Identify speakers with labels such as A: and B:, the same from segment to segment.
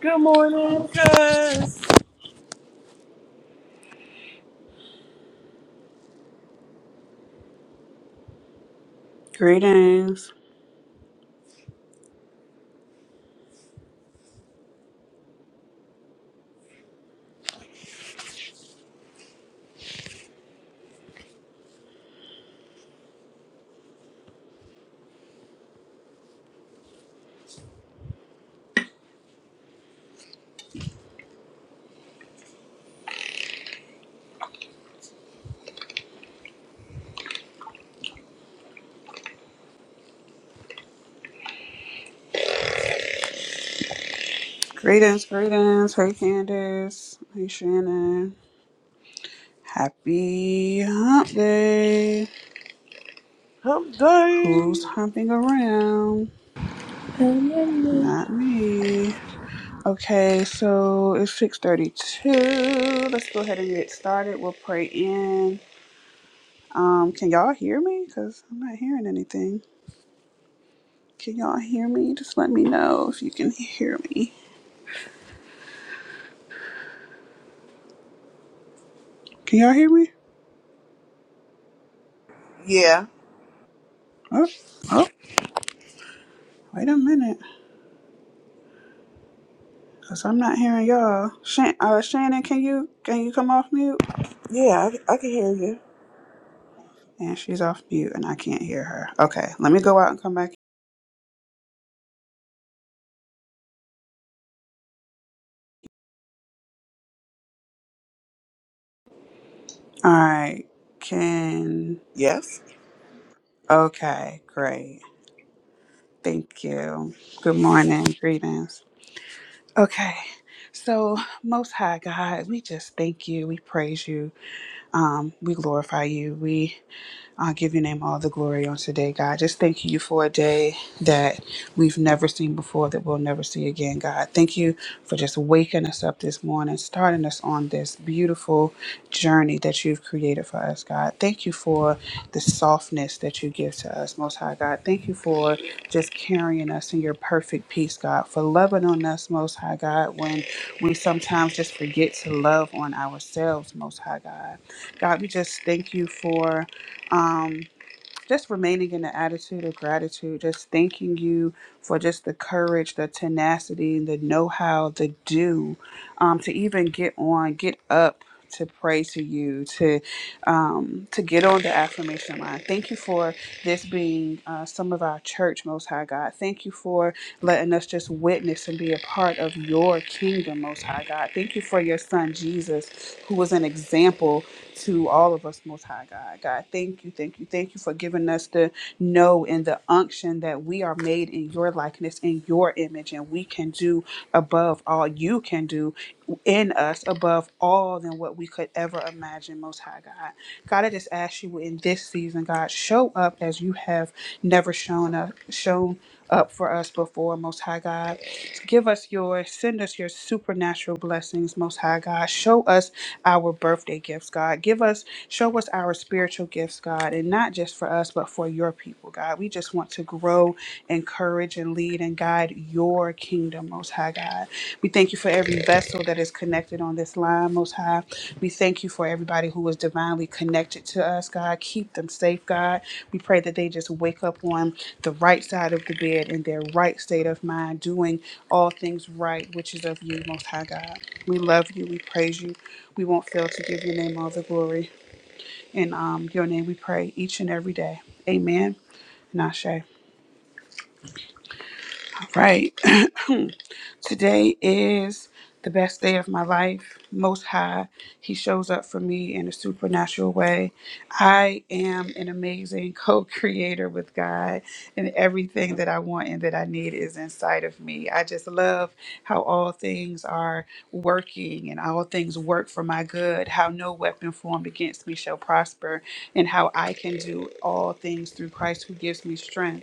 A: Good morning, cuz.
B: Greetings. Greetings, greetings. Hey Candace. Hey Shannon. Happy hump day.
A: Hump
B: Who's
A: day.
B: humping around?
C: Amen.
B: Not me. Okay, so it's 632. Let's go ahead and get started. We'll pray in. Um, can y'all hear me? Because I'm not hearing anything. Can y'all hear me? Just let me know if you can hear me. Can y'all hear me?
A: Yeah,
B: Oh, oh, wait a minute. Cause I'm not hearing y'all. Shan- uh, Shannon, can you can you come off mute?
A: yeah, I, I can hear you.
B: And she's off mute, and I can't hear her. Okay, let me go out and come back. All right. Can
A: Yes.
B: okay, great. Thank you. Good morning. Greetings. Okay. So, Most High God, we just thank you. We praise you. Um, we glorify you. We. I give your name all the glory on today, God. Just thank you for a day that we've never seen before, that we'll never see again, God. Thank you for just waking us up this morning, starting us on this beautiful journey that you've created for us, God. Thank you for the softness that you give to us, Most High God. Thank you for just carrying us in your perfect peace, God. For loving on us, Most High God, when we sometimes just forget to love on ourselves, Most High God. God, we just thank you for um, just remaining in the attitude of gratitude, just thanking you for just the courage, the tenacity, the know how, the do, um, to even get on, get up. To pray to you, to um, to get on the affirmation line. Thank you for this being uh, some of our church, Most High God. Thank you for letting us just witness and be a part of your kingdom, Most High God. Thank you for your Son Jesus, who was an example to all of us, Most High God. God, thank you, thank you, thank you for giving us the know grow in the unction that we are made in your likeness, in your image, and we can do above all you can do in us, above all than what we could ever imagine, Most High God. God, I just ask you in this season, God, show up as you have never shown up, shown up for us before, Most High God. Give us your, send us your supernatural blessings, Most High God. Show us our birthday gifts, God. Give us, show us our spiritual gifts, God, and not just for us, but for your people, God. We just want to grow, encourage, and lead and guide your kingdom, Most High God. We thank you for every vessel that is connected on this line, Most High. We thank you for everybody who is divinely connected to us, God. Keep them safe, God. We pray that they just wake up on the right side of the bed in their right state of mind, doing all things right, which is of you, Most High God. We love you. We praise you. We won't fail to give your name all the glory. In um, your name we pray each and every day. Amen. Nashe. All right. Today is the best day of my life. Most High, He shows up for me in a supernatural way. I am an amazing co creator with God, and everything that I want and that I need is inside of me. I just love how all things are working and all things work for my good, how no weapon formed against me shall prosper, and how I can do all things through Christ who gives me strength.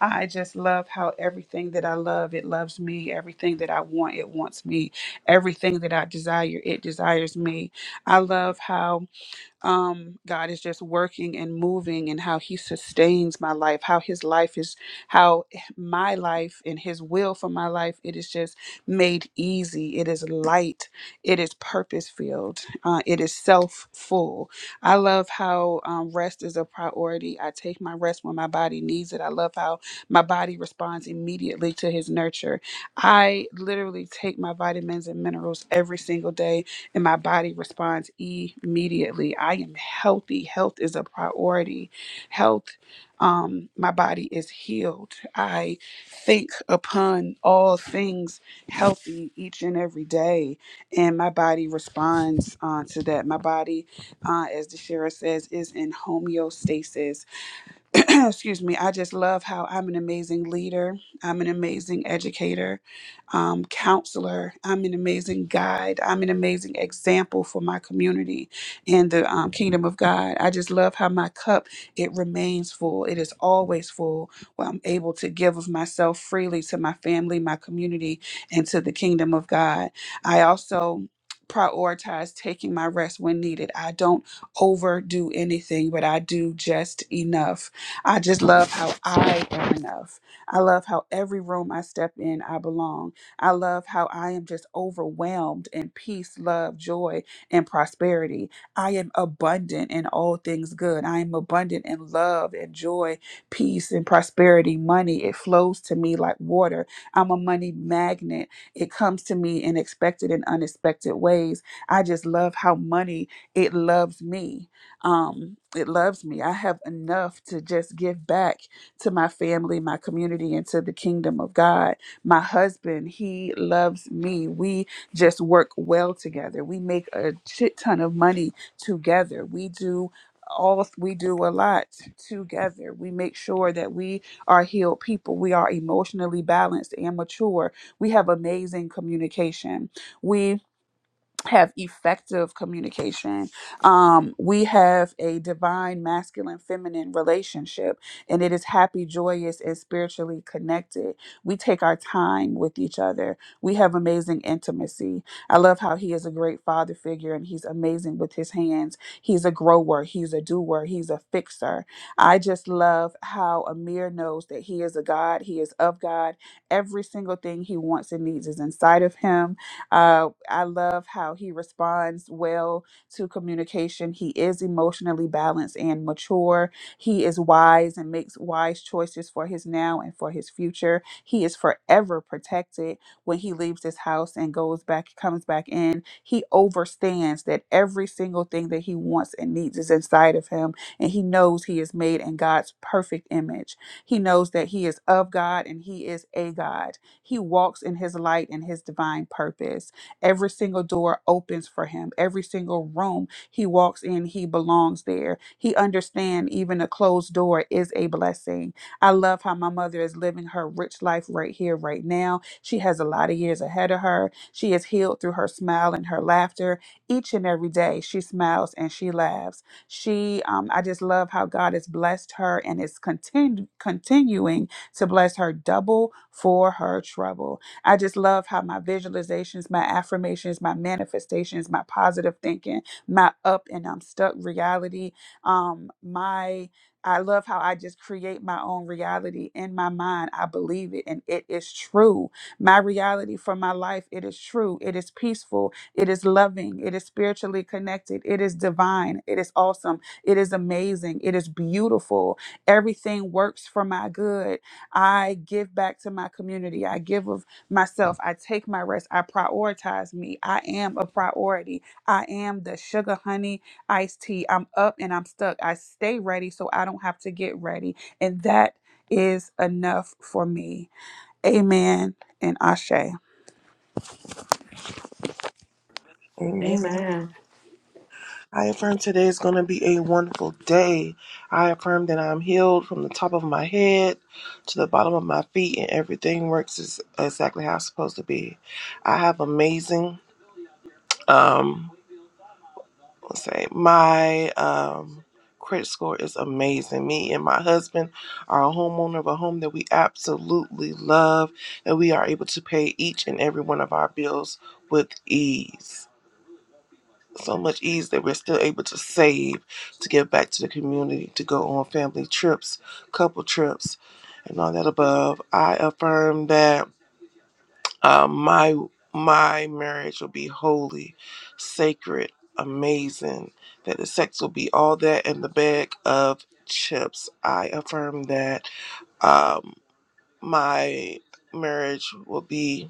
B: I just love how everything that I love, it loves me. Everything that I want, it wants me. Everything that I desire, it desires me. I love how um, God is just working and moving and how He sustains my life, how His life is, how my life and His will for my life, it is just made easy. It is light. It is purpose filled. Uh, it is self full. I love how um, rest is a priority. I take my rest when my body needs it. I love how my body responds immediately to His nurture. I literally take my vitamins and minerals every single day and my body responds immediately. I am healthy. Health is a priority. Health, um, my body is healed. I think upon all things healthy each and every day, and my body responds uh, to that. My body, uh, as the sheriff says, is in homeostasis excuse me, I just love how I'm an amazing leader. I'm an amazing educator, um, counselor. I'm an amazing guide. I'm an amazing example for my community and the um, kingdom of God. I just love how my cup, it remains full. It is always full where I'm able to give of myself freely to my family, my community, and to the kingdom of God. I also prioritize taking my rest when needed. I don't overdo anything, but I do just enough. I just love how I am enough. I love how every room I step in, I belong. I love how I am just overwhelmed in peace, love, joy, and prosperity. I am abundant in all things good. I am abundant in love and joy, peace, and prosperity. Money, it flows to me like water. I'm a money magnet. It comes to me in expected and unexpected ways. I just love how money, it loves me um, it loves me. I have enough to just give back to my family, my community, and to the kingdom of God. My husband, he loves me. We just work well together. We make a shit ton of money together. We do all we do a lot together. We make sure that we are healed people. We are emotionally balanced and mature. We have amazing communication. We have effective communication. Um, we have a divine masculine feminine relationship, and it is happy, joyous, and spiritually connected. We take our time with each other. We have amazing intimacy. I love how he is a great father figure and he's amazing with his hands. He's a grower, he's a doer, he's a fixer. I just love how Amir knows that he is a God, he is of God. Every single thing he wants and needs is inside of him uh, I love how he responds well to communication. He is emotionally balanced and mature. He is wise and makes wise choices for his now and for his future. He is forever protected when he leaves this house and goes back, comes back in. He overstands that every single thing that he wants and needs is inside of him, and he knows he is made in God's perfect image. He knows that he is of God and he is a God he walks in his light and his divine purpose. Every single door opens for him. Every single room he walks in, he belongs there. He understands even a closed door is a blessing. I love how my mother is living her rich life right here, right now. She has a lot of years ahead of her. She is healed through her smile and her laughter. Each and every day, she smiles and she laughs. She, um, I just love how God has blessed her and is continu- continuing to bless her double for her trouble. I just love how my visualizations, my affirmations, my manifestations, my positive thinking, my up and I'm stuck reality, um, my I love how I just create my own reality in my mind. I believe it and it is true. My reality for my life, it is true. It is peaceful. It is loving. It is spiritually connected. It is divine. It is awesome. It is amazing. It is beautiful. Everything works for my good. I give back to my community. I give of myself. I take my rest. I prioritize me. I am a priority. I am the sugar, honey, iced tea. I'm up and I'm stuck. I stay ready so I don't have to get ready. And that is enough for me. Amen and Ashe.
A: Amen.
D: Amen.
A: I affirm today is going to be a wonderful day. I affirm that I'm healed from the top of my head to the bottom of my feet, and everything works is exactly how it's supposed to be. I have amazing. Um, let's say my um, credit score is amazing. Me and my husband are a homeowner of a home that we absolutely love, and we are able to pay each and every one of our bills with ease. So much ease that we're still able to save to give back to the community, to go on family trips, couple trips, and all that above. I affirm that uh, my my marriage will be holy, sacred, amazing. That the sex will be all that in the bag of chips. I affirm that. Um, my marriage will be.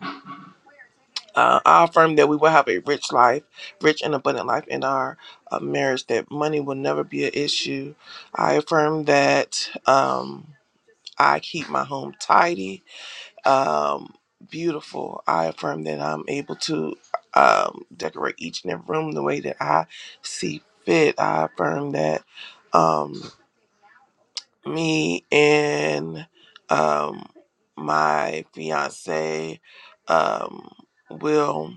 A: Uh, I affirm that we will have a rich life, rich and abundant life in our uh, marriage. That money will never be an issue. I affirm that. Um, I keep my home tidy um, beautiful. I affirm that I'm able to um, decorate each and every room the way that I see fit. I affirm that. Um, me and um my fiance um will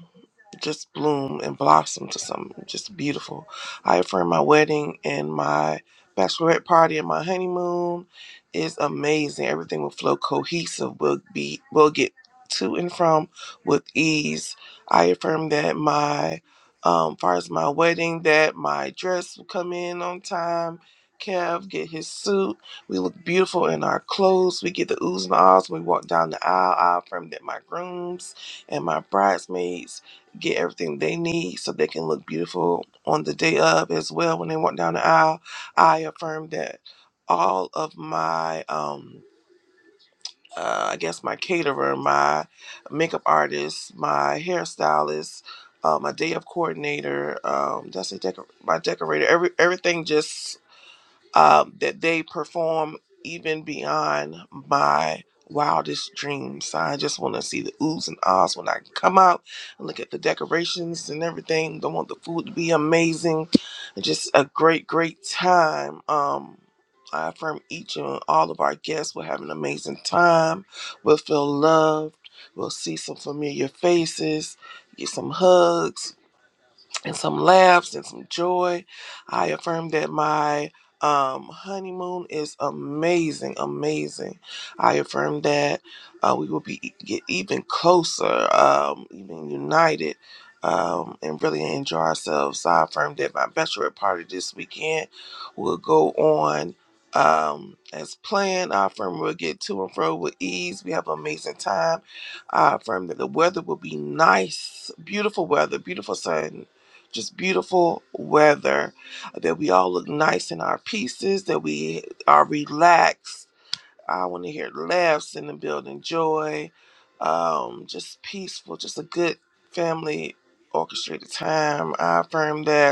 A: just bloom and blossom to something just beautiful. I affirm my wedding and my bachelorette party and my honeymoon is amazing. Everything will flow cohesive. We'll be we'll get to and from with ease. I affirm that my um far as my wedding that my dress will come in on time. Kev get his suit we look beautiful in our clothes. We get the oohs and ahs when we walk down the aisle. I affirm that my grooms and my bridesmaids get everything they need so they can look beautiful on the day of as well when they walk down the aisle. I affirm that all of my, um, uh, I guess, my caterer, my makeup artist, my hairstylist, uh, my day of coordinator, um, that's a decor- my decorator, every everything just um, that they perform even beyond my wildest dreams. So I just want to see the oohs and ahs when I come out and look at the decorations and everything. Don't want the food to be amazing. Just a great, great time. Um, I affirm each and all of our guests will have an amazing time. We'll feel loved. We'll see some familiar faces, get some hugs, and some laughs and some joy. I affirm that my um, honeymoon is amazing, amazing. I affirm that uh, we will be e, get even closer, um, even united, um, and really enjoy ourselves. I affirm that my bachelorette party this weekend will go on um, as planned. I affirm we'll get to and fro with ease. We have an amazing time. I affirm that the weather will be nice, beautiful weather, beautiful sun just beautiful weather, that we all look nice in our pieces, that we are relaxed. I want to hear laughs in the building, joy, um, just peaceful, just a good family orchestrated time. I affirm that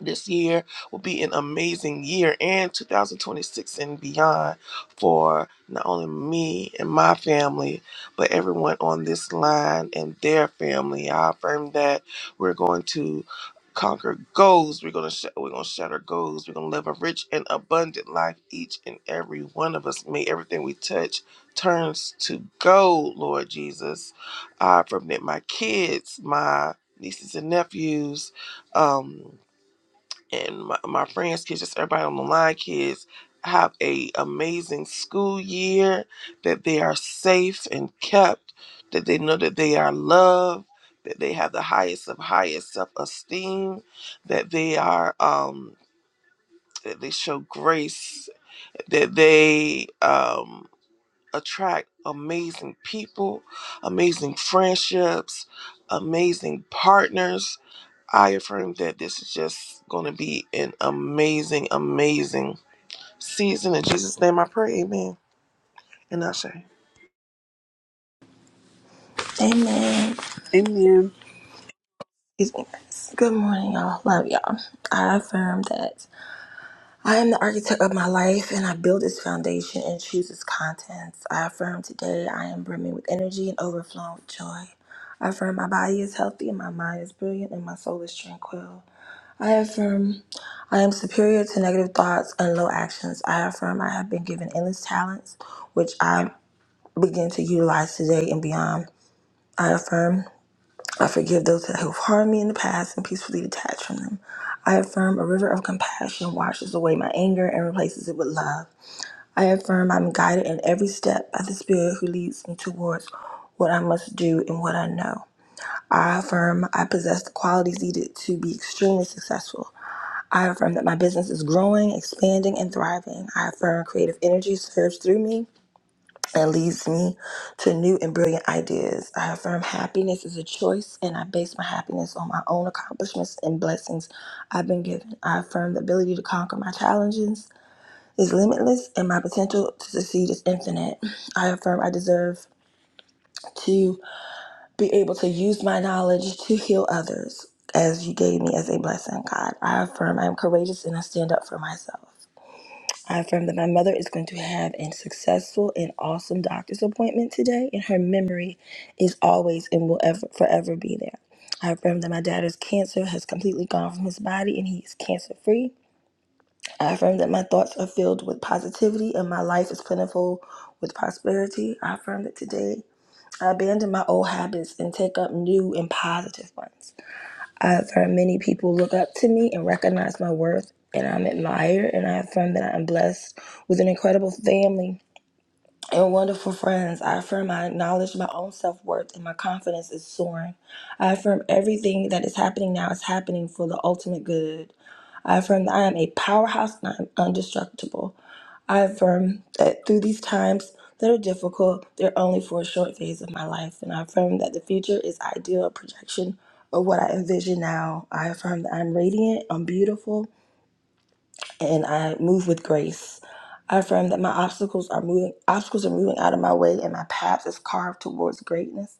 A: this year will be an amazing year and 2026 and beyond for not only me and my family, but everyone on this line and their family. I affirm that we're going to conquer goals. We're gonna sh- we're gonna shatter goals. We're gonna live a rich and abundant life. Each and every one of us. May everything we touch turns to gold, Lord Jesus. I affirm that my kids, my nieces and nephews, um, and my, my friends' kids, just everybody on the line, kids have a amazing school year. That they are safe and kept. That they know that they are loved. That they have the highest of highest self esteem. That they are um that they show grace. That they um attract amazing people, amazing friendships, amazing partners I affirm that this is just going to be an amazing, amazing season. In Jesus' name I pray, amen. And I say,
C: Amen.
B: Amen.
C: Excuse me, guys. Good morning, y'all. Love y'all. I affirm that I am the architect of my life and I build its foundation and choose its contents. I affirm today I am brimming with energy and overflowing with joy. I affirm my body is healthy and my mind is brilliant and my soul is tranquil. I affirm I am superior to negative thoughts and low actions. I affirm I have been given endless talents, which I begin to utilize today and beyond. I affirm. I forgive those that have harmed me in the past and peacefully detach from them. I affirm a river of compassion washes away my anger and replaces it with love. I affirm I'm guided in every step by the Spirit who leads me towards what I must do and what I know. I affirm I possess the qualities needed to be extremely successful. I affirm that my business is growing, expanding, and thriving. I affirm creative energy serves through me that leads me to new and brilliant ideas. I affirm happiness is a choice and I base my happiness on my own accomplishments and blessings I've been given. I affirm the ability to conquer my challenges is limitless and my potential to succeed is infinite. I affirm I deserve to be able to use my knowledge to heal others as you gave me as a blessing, God. I affirm I am courageous and I stand up for myself. I affirm that my mother is going to have a successful and awesome doctor's appointment today, and her memory is always and will ever, forever be there. I affirm that my dad's cancer has completely gone from his body and he is cancer free. I affirm that my thoughts are filled with positivity and my life is plentiful with prosperity. I affirm that today I abandon my old habits and take up new and positive ones. I've heard many people look up to me and recognize my worth, and I'm admired, and I affirm that I'm blessed with an incredible family and wonderful friends. I affirm I acknowledge my own self worth, and my confidence is soaring. I affirm everything that is happening now is happening for the ultimate good. I affirm that I am a powerhouse and I am indestructible. I affirm that through these times that are difficult, they're only for a short phase of my life. And I affirm that the future is ideal, a projection of what I envision now. I affirm that I'm radiant, I'm beautiful, and I move with grace. I affirm that my obstacles are moving obstacles are moving out of my way and my path is carved towards greatness.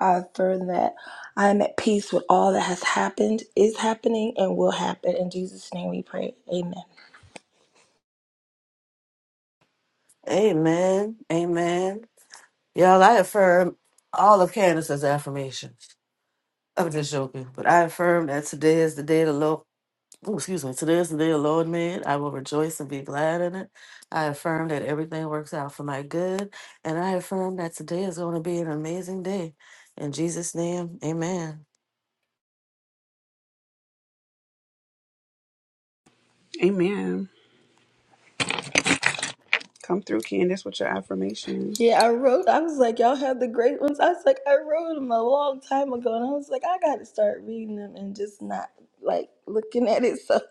C: I affirm that I am at peace with all that has happened, is happening, and will happen. In Jesus' name we pray. Amen.
D: Amen. Amen. Y'all, I affirm all of Candace's affirmations. I'm just joking, but I affirm that today is the day the Lord. ooh, excuse me. Today is the day the Lord made. I will rejoice and be glad in it. I affirm that everything works out for my good, and I affirm that today is going to be an amazing day. In Jesus' name, Amen.
B: Amen. Come through, Candace, with your affirmations.
C: Yeah, I wrote. I was like, y'all have the great ones. I was like, I wrote them a long time ago, and I was like, I gotta start reading them and just not like looking at it. So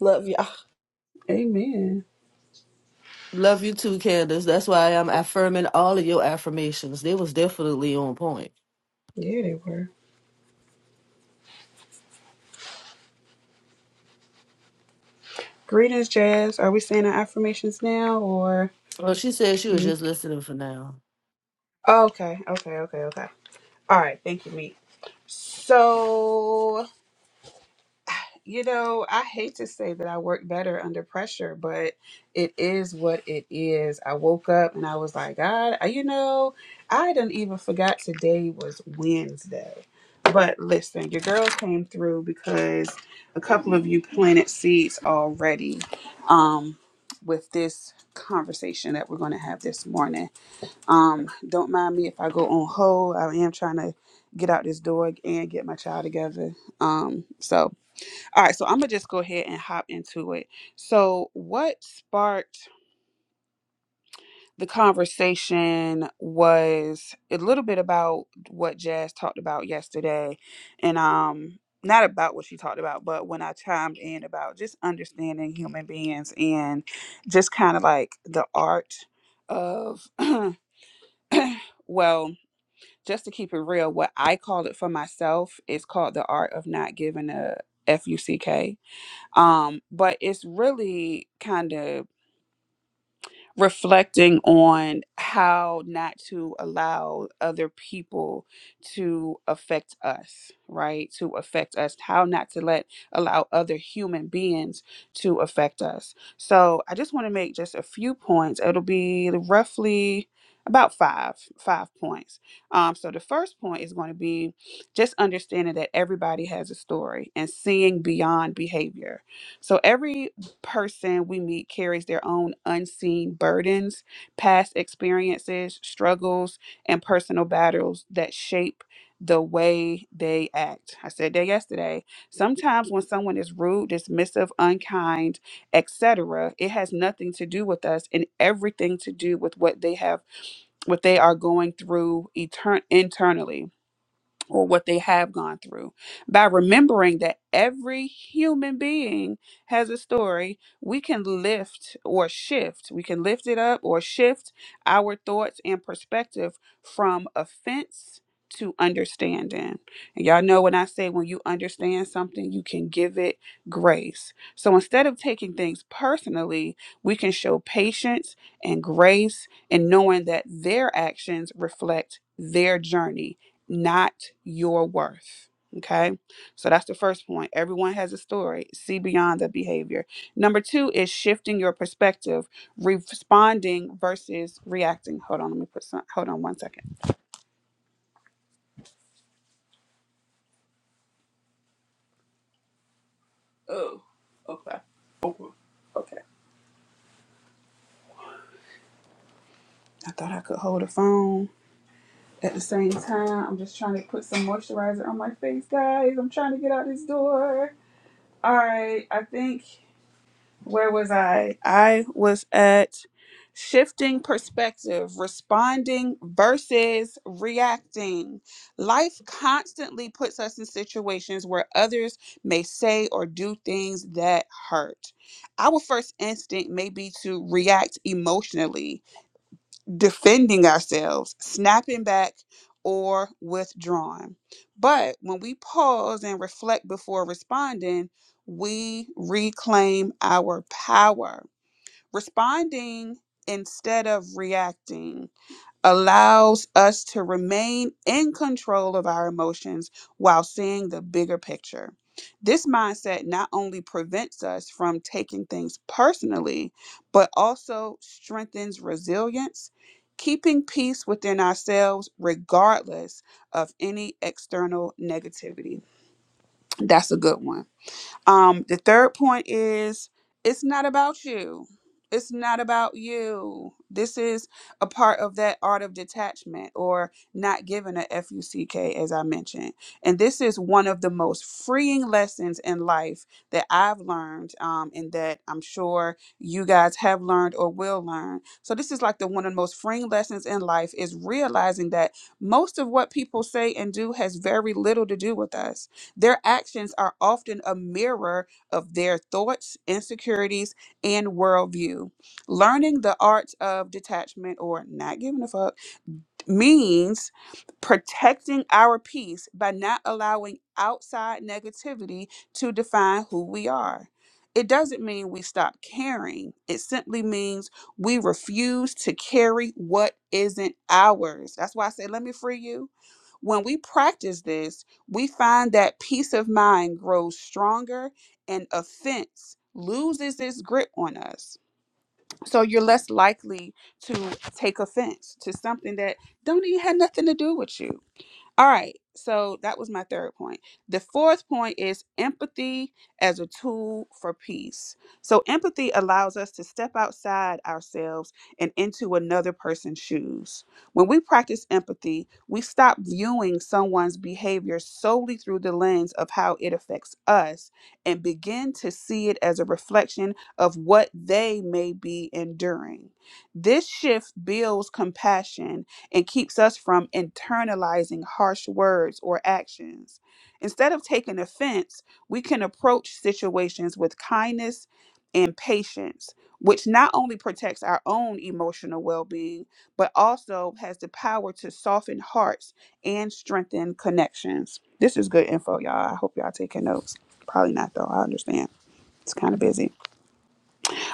C: love y'all.
B: Amen.
D: Love you too, Candace. That's why I'm affirming all of your affirmations. They was definitely on point.
B: Yeah, they were. Greetings, Jazz. Are we saying our affirmations now or
D: Well, she said she was
B: you?
D: just listening for now.
B: Oh, okay, okay, okay, okay. All right, thank you, Meek. So, you know, I hate to say that I work better under pressure, but it is what it is. I woke up and I was like, God, I- you know, I didn't even forgot today was Wednesday. But listen, your girls came through because a couple of you planted seeds already um, with this conversation that we're going to have this morning. Um, don't mind me if I go on hold. I am trying to get out this door and get my child together. Um, so all right, so I'm gonna just go ahead and hop into it. So what sparked the conversation was a little bit about what Jazz talked about yesterday, and um, not about what she talked about, but when I chimed in about just understanding human beings and just kind of like the art of well just to keep it real, what I call it for myself is called the art of not giving a F U C K. Um, but it's really kind of reflecting on how not to allow other people to affect us, right? To affect us, how not to let allow other human beings to affect us. So I just want to make just a few points. It'll be roughly about five five points um so the first point is going to be just understanding that everybody has a story and seeing beyond behavior so every person we meet carries their own unseen burdens, past experiences, struggles, and personal battles that shape the way they act. I said that yesterday. Sometimes when someone is rude, dismissive, unkind, etc., it has nothing to do with us and everything to do with what they have what they are going through etern- internally or what they have gone through. By remembering that every human being has a story, we can lift or shift, we can lift it up or shift our thoughts and perspective from offense to understanding. And y'all know when I say when you understand something, you can give it grace. So instead of taking things personally, we can show patience and grace and knowing that their actions reflect their journey not your worth. Okay. So that's the first point. Everyone has a story. See beyond the behavior. Number two is shifting your perspective, responding versus reacting. Hold on. Let me put some, hold on one second. Oh, okay. Okay. I thought I could hold a phone at the same time. I'm just trying to put some moisturizer on my face, guys. I'm trying to get out this door. All right. I think where was I? I was at shifting perspective, responding versus reacting. Life constantly puts us in situations where others may say or do things that hurt. Our first instinct may be to react emotionally, defending ourselves, snapping back, or withdrawing. But when we pause and reflect before responding, we reclaim our power. Responding instead of reacting allows us to remain in control of our emotions while seeing the bigger picture. This mindset not only prevents us from taking things personally, but also strengthens resilience, keeping peace within ourselves regardless of any external negativity. That's a good one. Um, the third point is it's not about you. It's not about you. This is a part of that art of detachment or not giving a F-U-C-K, as I mentioned. And this is one of the most freeing lessons in life that I've learned um, and that I'm sure you guys have learned or will learn. So this is like the one of the most freeing lessons in life is realizing that most of what people say and do has very little to do with us their actions are often a mirror of their thoughts, insecurities, and worldview. Learning the art of detachment or not giving a fuck means protecting our peace by not allowing outside negativity to define who we are. It doesn't mean we stop caring. It simply means we refuse to carry what isn't ours. That's why I say, let me free you. When we practice this, we find that peace of mind grows stronger and offense loses its grip on us so you're less likely to take offense to something that don't even have nothing to do with you all right. So that was my third point. The fourth point is empathy as a tool for peace. So empathy allows us to step outside ourselves and into another person's shoes. When we practice empathy, we stop viewing someone's behavior solely through the lens of how it affects us and begin to see it as a reflection of what they may be enduring. This shift builds compassion and keeps us from internalizing harsh words or actions. Instead of taking offense, we can approach situations with kindness and patience, which not only protects our own emotional well being, but also has the power to soften hearts and strengthen connections. This is good info, y'all. I hope y'all taking notes. Probably not, though. I understand. It's kind of busy.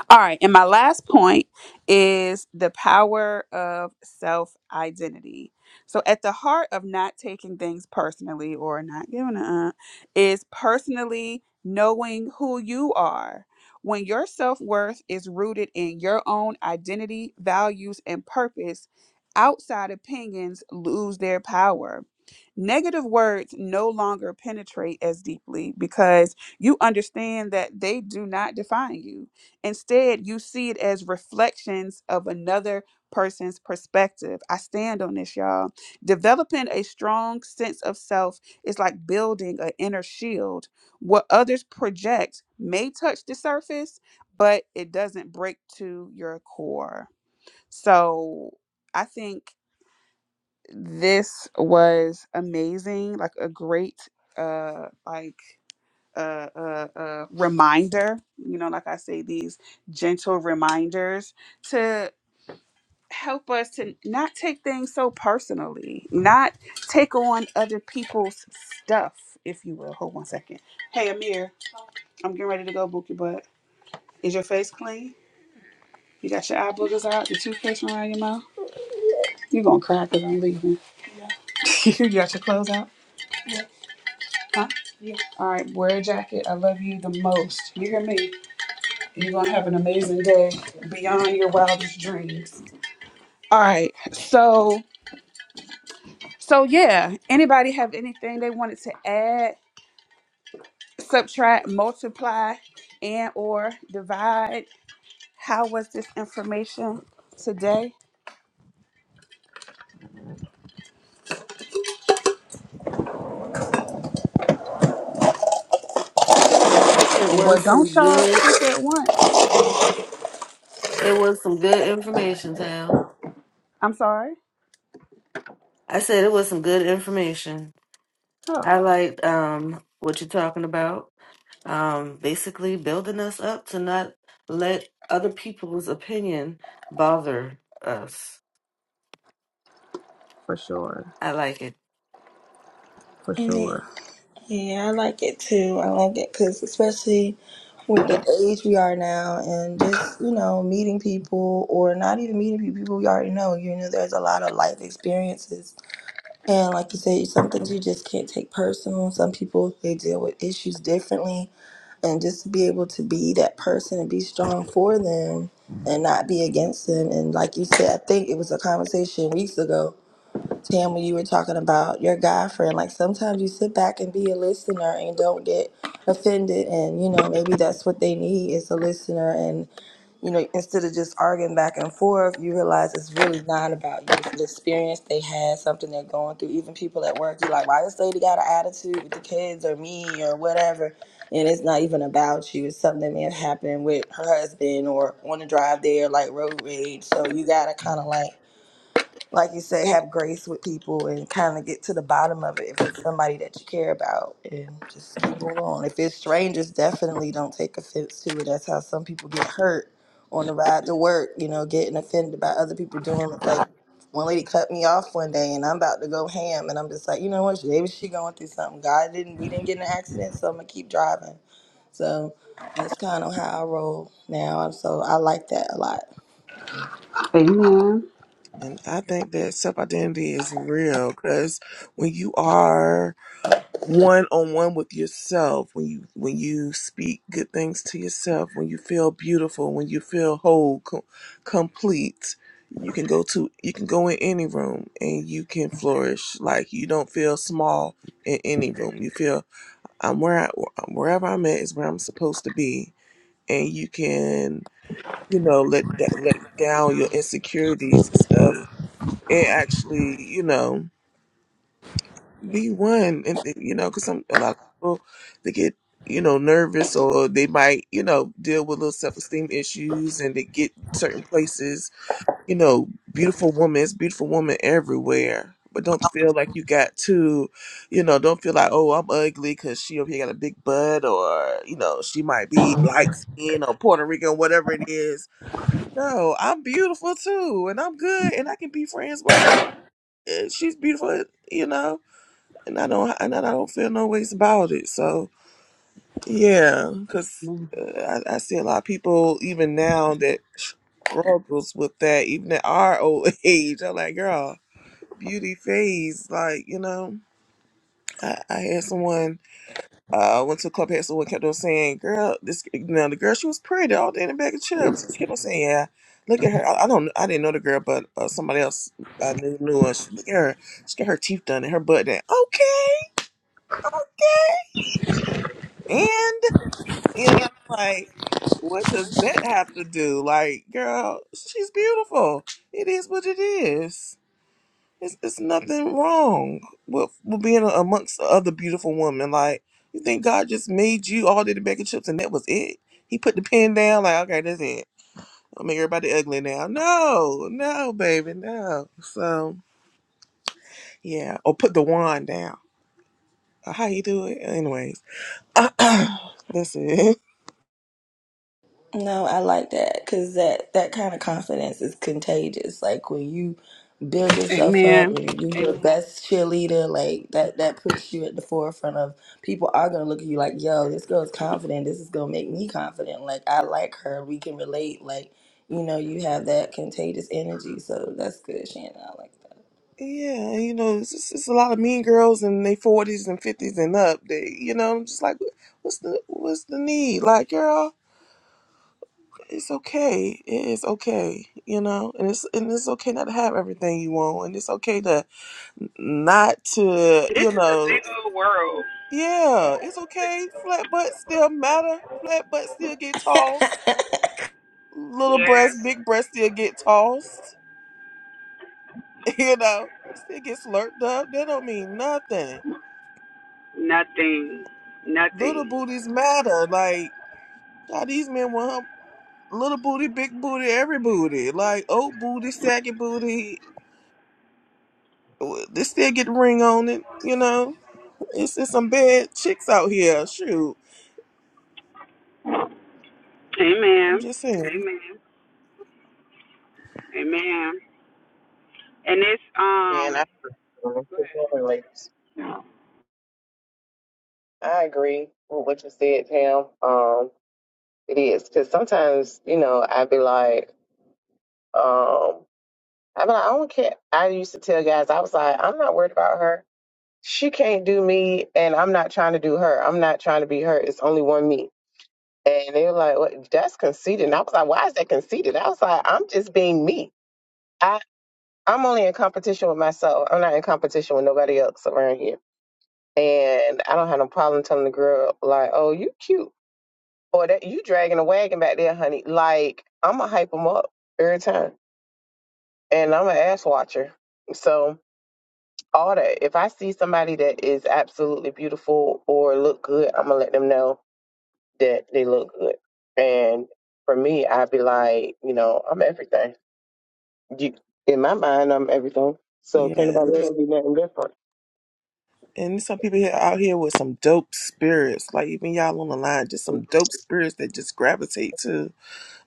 B: All right. And my last point is the power of self identity. So, at the heart of not taking things personally or not giving a uh, is personally knowing who you are. When your self worth is rooted in your own identity, values, and purpose, outside opinions lose their power. Negative words no longer penetrate as deeply because you understand that they do not define you Instead, you see it as reflections of another person's perspective. I stand on this, y'all. Developing a strong sense of self is like building an inner shield. What others project may touch the surface, but it doesn't break to your core. So I think this was amazing, like a great uh like uh, uh, uh, reminder, you know, like I say, these gentle reminders to help us to not take things so personally, not take on other people's stuff, if you will. Hold one second. Hey, Amir, I'm getting ready to go book your butt. Is your face clean? You got your eye boogers out, your toothpaste around your mouth? You're going to cry because I'm leaving. you got your clothes out? Huh? All right, wear a jacket. I love you the most. You hear me? You're going to have an amazing day beyond your wildest dreams. All right. So, so yeah, anybody have anything they wanted to add, subtract, multiply, and or divide? How was this information today?
D: It
B: Well,
D: was some
B: don't y'all
D: good.
B: think at once.
D: It was some good information, Tam.
B: I'm sorry.
D: I said it was some good information.
B: Oh,
D: I liked um what you're talking about. Um, basically building us up to not let other people's opinion bother us.
B: for sure.
D: I like it.
B: For
C: Mhm.
B: sure.
C: Yeah, I like it too. I like it because especially with the age we are now, and just you know meeting people or not even meeting people, people we already know. You know, there's a lot of life experiences, and like you said, some things you just can't take personal. Some people they deal with issues differently and just to be able to be that person and be strong for them and not be against them. And like you said, I think it was a conversation weeks ago, Tam, when you were talking about your guy friend. Like sometimes you sit back and be a listener and don't get offended. And you know maybe that's what they need is a listener you know, instead of just arguing back and forth, you realize it's really not about you. It's the experience they had, something they're going through. Even people at work, you're like, why this lady got an attitude with the kids or me or whatever? And it's not even about you. It's something that may have happened with her husband or on the drive there, like road rage. So you got to kind of like like you said, have grace with people and kind of get to the bottom of it if it's somebody that you care about and just keep on going. If it's strangers, definitely don't take offense to it. That's how some people get hurt on the ride to work, you know, getting offended by other people doing like one lady cut me off one day and I'm about to go ham and I'm just like, you know what, maybe she going through something. God didn't we didn't get in an accident, so I'm gonna keep driving. So that's kind of how I roll now. So I like that a lot.
B: Amen.
A: and I think that self identity is real because when you are one on one with yourself, when you when you speak good things to yourself, when you feel beautiful, when you feel whole, co- complete, you can go to you can go in any room and you can flourish. Like you don't feel small in any room. You feel I'm where I, wherever I'm at is where I'm supposed to be, and you can you know let that let down your insecurities and stuff, and actually you know be one, and and, you know because some a lot of people they get you know nervous or they might you know deal with little self esteem issues and they get certain places you know, beautiful woman, it's beautiful woman everywhere. But don't feel like you got to, you know, don't feel like, oh, I'm ugly because she over here got a big butt or, you know, she might be light skinned or Puerto Rican, whatever it is. No, I'm beautiful too and I'm good and I can be friends with her. and She's beautiful, you know, and I don't, and I don't feel no ways about it. So, yeah, because uh, I, I see a lot of people even now that struggles with that, even at our old age. I'm like, girl, beauty phase. Like, you know, I, I had someone, uh, went to a club, had someone kept on saying, girl, this, you know, the girl, she was pretty all day in a bag of chips. She kept on saying, yeah, look at her. I, I don't, I didn't know the girl, but uh, somebody else I knew, knew her. She, look at her. She got her teeth done and her butt done. Okay. and. You know, like, what does that have to do? Like, girl, she's beautiful. It is what it is. It's, it's nothing wrong with, with being amongst other beautiful women. Like, you think God just made you all did the bacon chips and that was it? He put the pen down, like, okay, that's it. I'll make everybody ugly now. No, no, baby, no. So, yeah. Or put the wand down. Uh, How you do it? Anyways, that's it.
C: No, I like that because that that kind of confidence is contagious. Like when you build yourself up
B: Amen.
C: and you're your
B: Amen.
C: best cheerleader, like that that puts you at the forefront of people are gonna look at you like, yo, this girl's confident. This is gonna make me confident. Like I like her. We can relate. Like you know, you have that contagious energy. So that's good, Shannon. I like
A: Yeah, you know, it's, it's, it's a lot of mean girls in their forties and fifties and up. They, you know, I'm just like, what's the what's the need? Like, girl, it's okay. It is okay. You know, and it's and it's okay not to have everything you want, and it's okay to not to,
B: This
A: you
B: is a
A: know,
B: big old world.
A: yeah, it's okay. Flat butts still matter. Flat butts still get tossed.
C: that.
A: Little
B: Yeah.
A: breasts, big breasts still get tossed. You know, still get slurped up. That don't mean nothing
B: Nothing.
A: little
B: Nothing.
A: booties matter. Like God, these men want her little booty, big booty, every booty, like old booty, saggy booty. They still get the ring on it, you know. It's just some bad chicks out here. Shoot, I'm
B: Amen.
A: just saying.
B: Amen. Amen. And it's
E: Amen.
B: um
E: I
B: Go
E: Good
B: ahead.
E: morning, ladies. I agree with what you said, Pam. Um, it is because sometimes you know I'd be like, um, I'd be like, I don't care. I used to tell guys, I was like, I'm not worried about her. She can't do me, and I'm not trying to do her. I'm not trying to be her. It's only one me. And they were like, what, that's conceited. And I was like, why is that conceited? I was like, I'm just being me. I I'm only in competition with myself. I'm not in competition with nobody else around here. And I don't have no problem telling the girl, like, oh, you cute. Or that you dragging a wagon back there, honey. Like, I'm going to hype them up every time. And I'm an ass watcher. So, all that. If I see somebody that is absolutely beautiful or look good, I'm going to let them know that they look good. And for me, I'd be like, you know, I'm everything. You, in my mind, I'm everything. So, can't
A: Yeah,
E: nobody tell me nothing different.
A: and there's some people here out here with some dope spirits, like even y'all on the line, just some dope spirits that just gravitate to.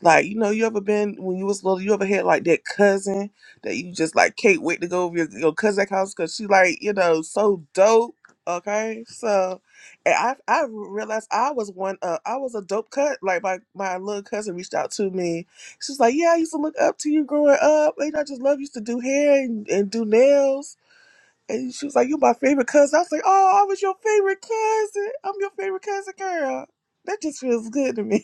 A: Like, you know, you ever been when you was little, you ever had like that cousin that you just like can't wait to go over your, your cousin's house because she like, you know, so dope. Okay. So and I I realized I was one uh I was a dope cut. Like my my little cousin reached out to me. She's like, Yeah, I used to look up to you growing up. And I just love you used to do hair and, and do nails. And she was like, You're my favorite cousin. I was like, Oh, I was your favorite cousin. I'm your favorite cousin girl. That just feels good to me.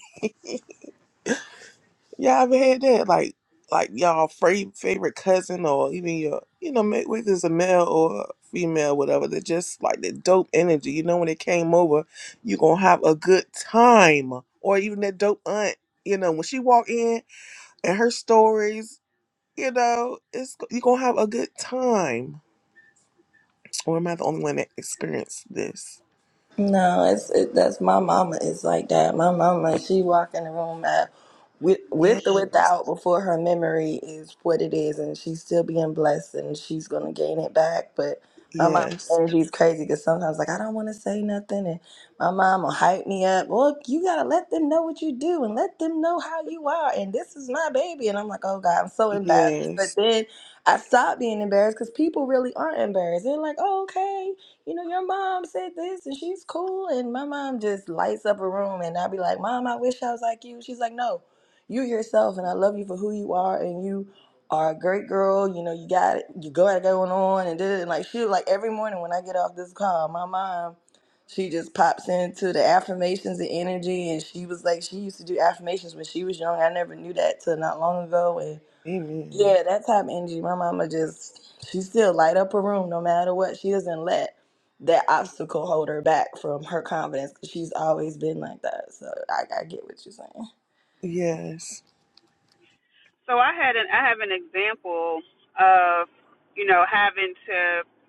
A: Yeah, I've had that. Like, like y'all fra- favorite cousin or even your, you know, ma- whether it's a male or a female, whatever. They're just like the dope energy. You know, when they came over, you gonna have a good time. Or even that dope aunt. You know, when she walk in and her stories, you know, it's you gonna have a good time. Or am I the only one that experienced this?
C: No, it's it, that's my mama is like that. My mama, she walk in the room at with with
A: Yes,
C: or without before her memory is what it is, and she's still being blessed, and she's gonna gain it back. But my mama's
A: yes,
C: energy is crazy because sometimes like I don't want to say nothing, and my mom will hype me up. Well, you gotta let them know what you do, and let them know how you are, and this is my baby, and I'm like, oh God, I'm so embarrassed. But
A: yes.
C: then I stop being embarrassed because people really aren't embarrassed. They're like, oh, okay you know, your mom said this and she's cool. And my mom just lights up a room and I'll be like, Mom, I wish I was like you. She's like, No, you yourself and I love you for who you are and you are a great girl. You know, you got it, you got it going on and did it. And like she like every morning when I get off this call, my mom she just pops into the affirmations and energy and she was like she used to do affirmations when she was young. I never knew that till not long ago And
A: Amen.
C: yeah, that type of energy. My mama just she still light up a room no matter what. She doesn't let that obstacle hold her back from her confidence 'cause she's always been like that. So I, I get what you're saying.
A: Yes,
B: so I had an I have an example of, you know, having to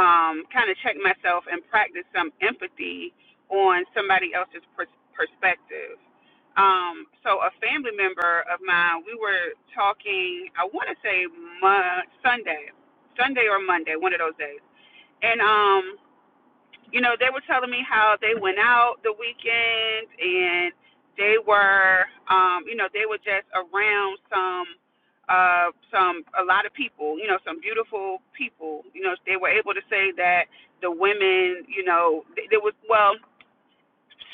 B: um kind of check myself and practice some empathy on somebody else's pers- perspective. Um so a family member of mine, we were talking, I want to say Mo- Sunday, Sunday or Monday, one of those days. And um you know, they were telling me how they went out the weekend and they were, um, you know, they were just around some, uh, some, a lot of people, you know, some beautiful people. You know, they were able to say that the women, you know, there was, well,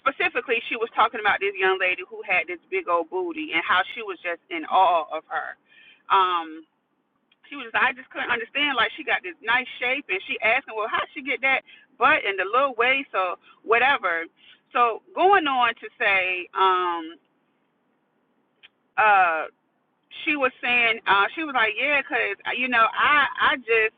B: specifically, she was talking about this young lady who had this big old boob, just her. she was I just couldn't understand like she got this nice shape and she asking well how'd she get that butt and the little waist or whatever so going on to say um uh she was saying uh she was like yeah because you know I I just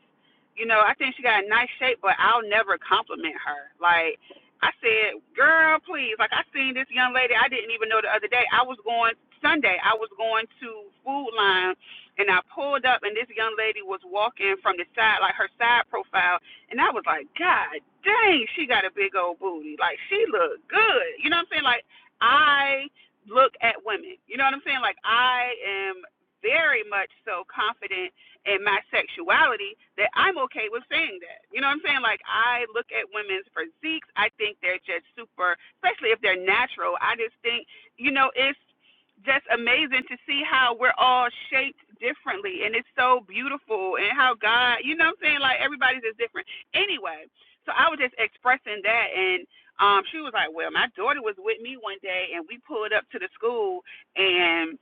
B: you know I think she got a nice shape but I'll never compliment her like I said girl please like I seen this young lady I didn't even know the other day I was going Sunday I was going to Food Line and I pulled up and this young lady was walking out and. like, dang, like she looked good. You know what I'm saying? Like I look at women. You know what I'm saying? Like I am very much so confident in my sexuality that I'm okay with saying that. You know what I'm saying? Like I look at women's physiques. I think they're just super especially you know, just different. Anyway, so I was in um she was like, Well, my was with me one day and we pulled up to the school and.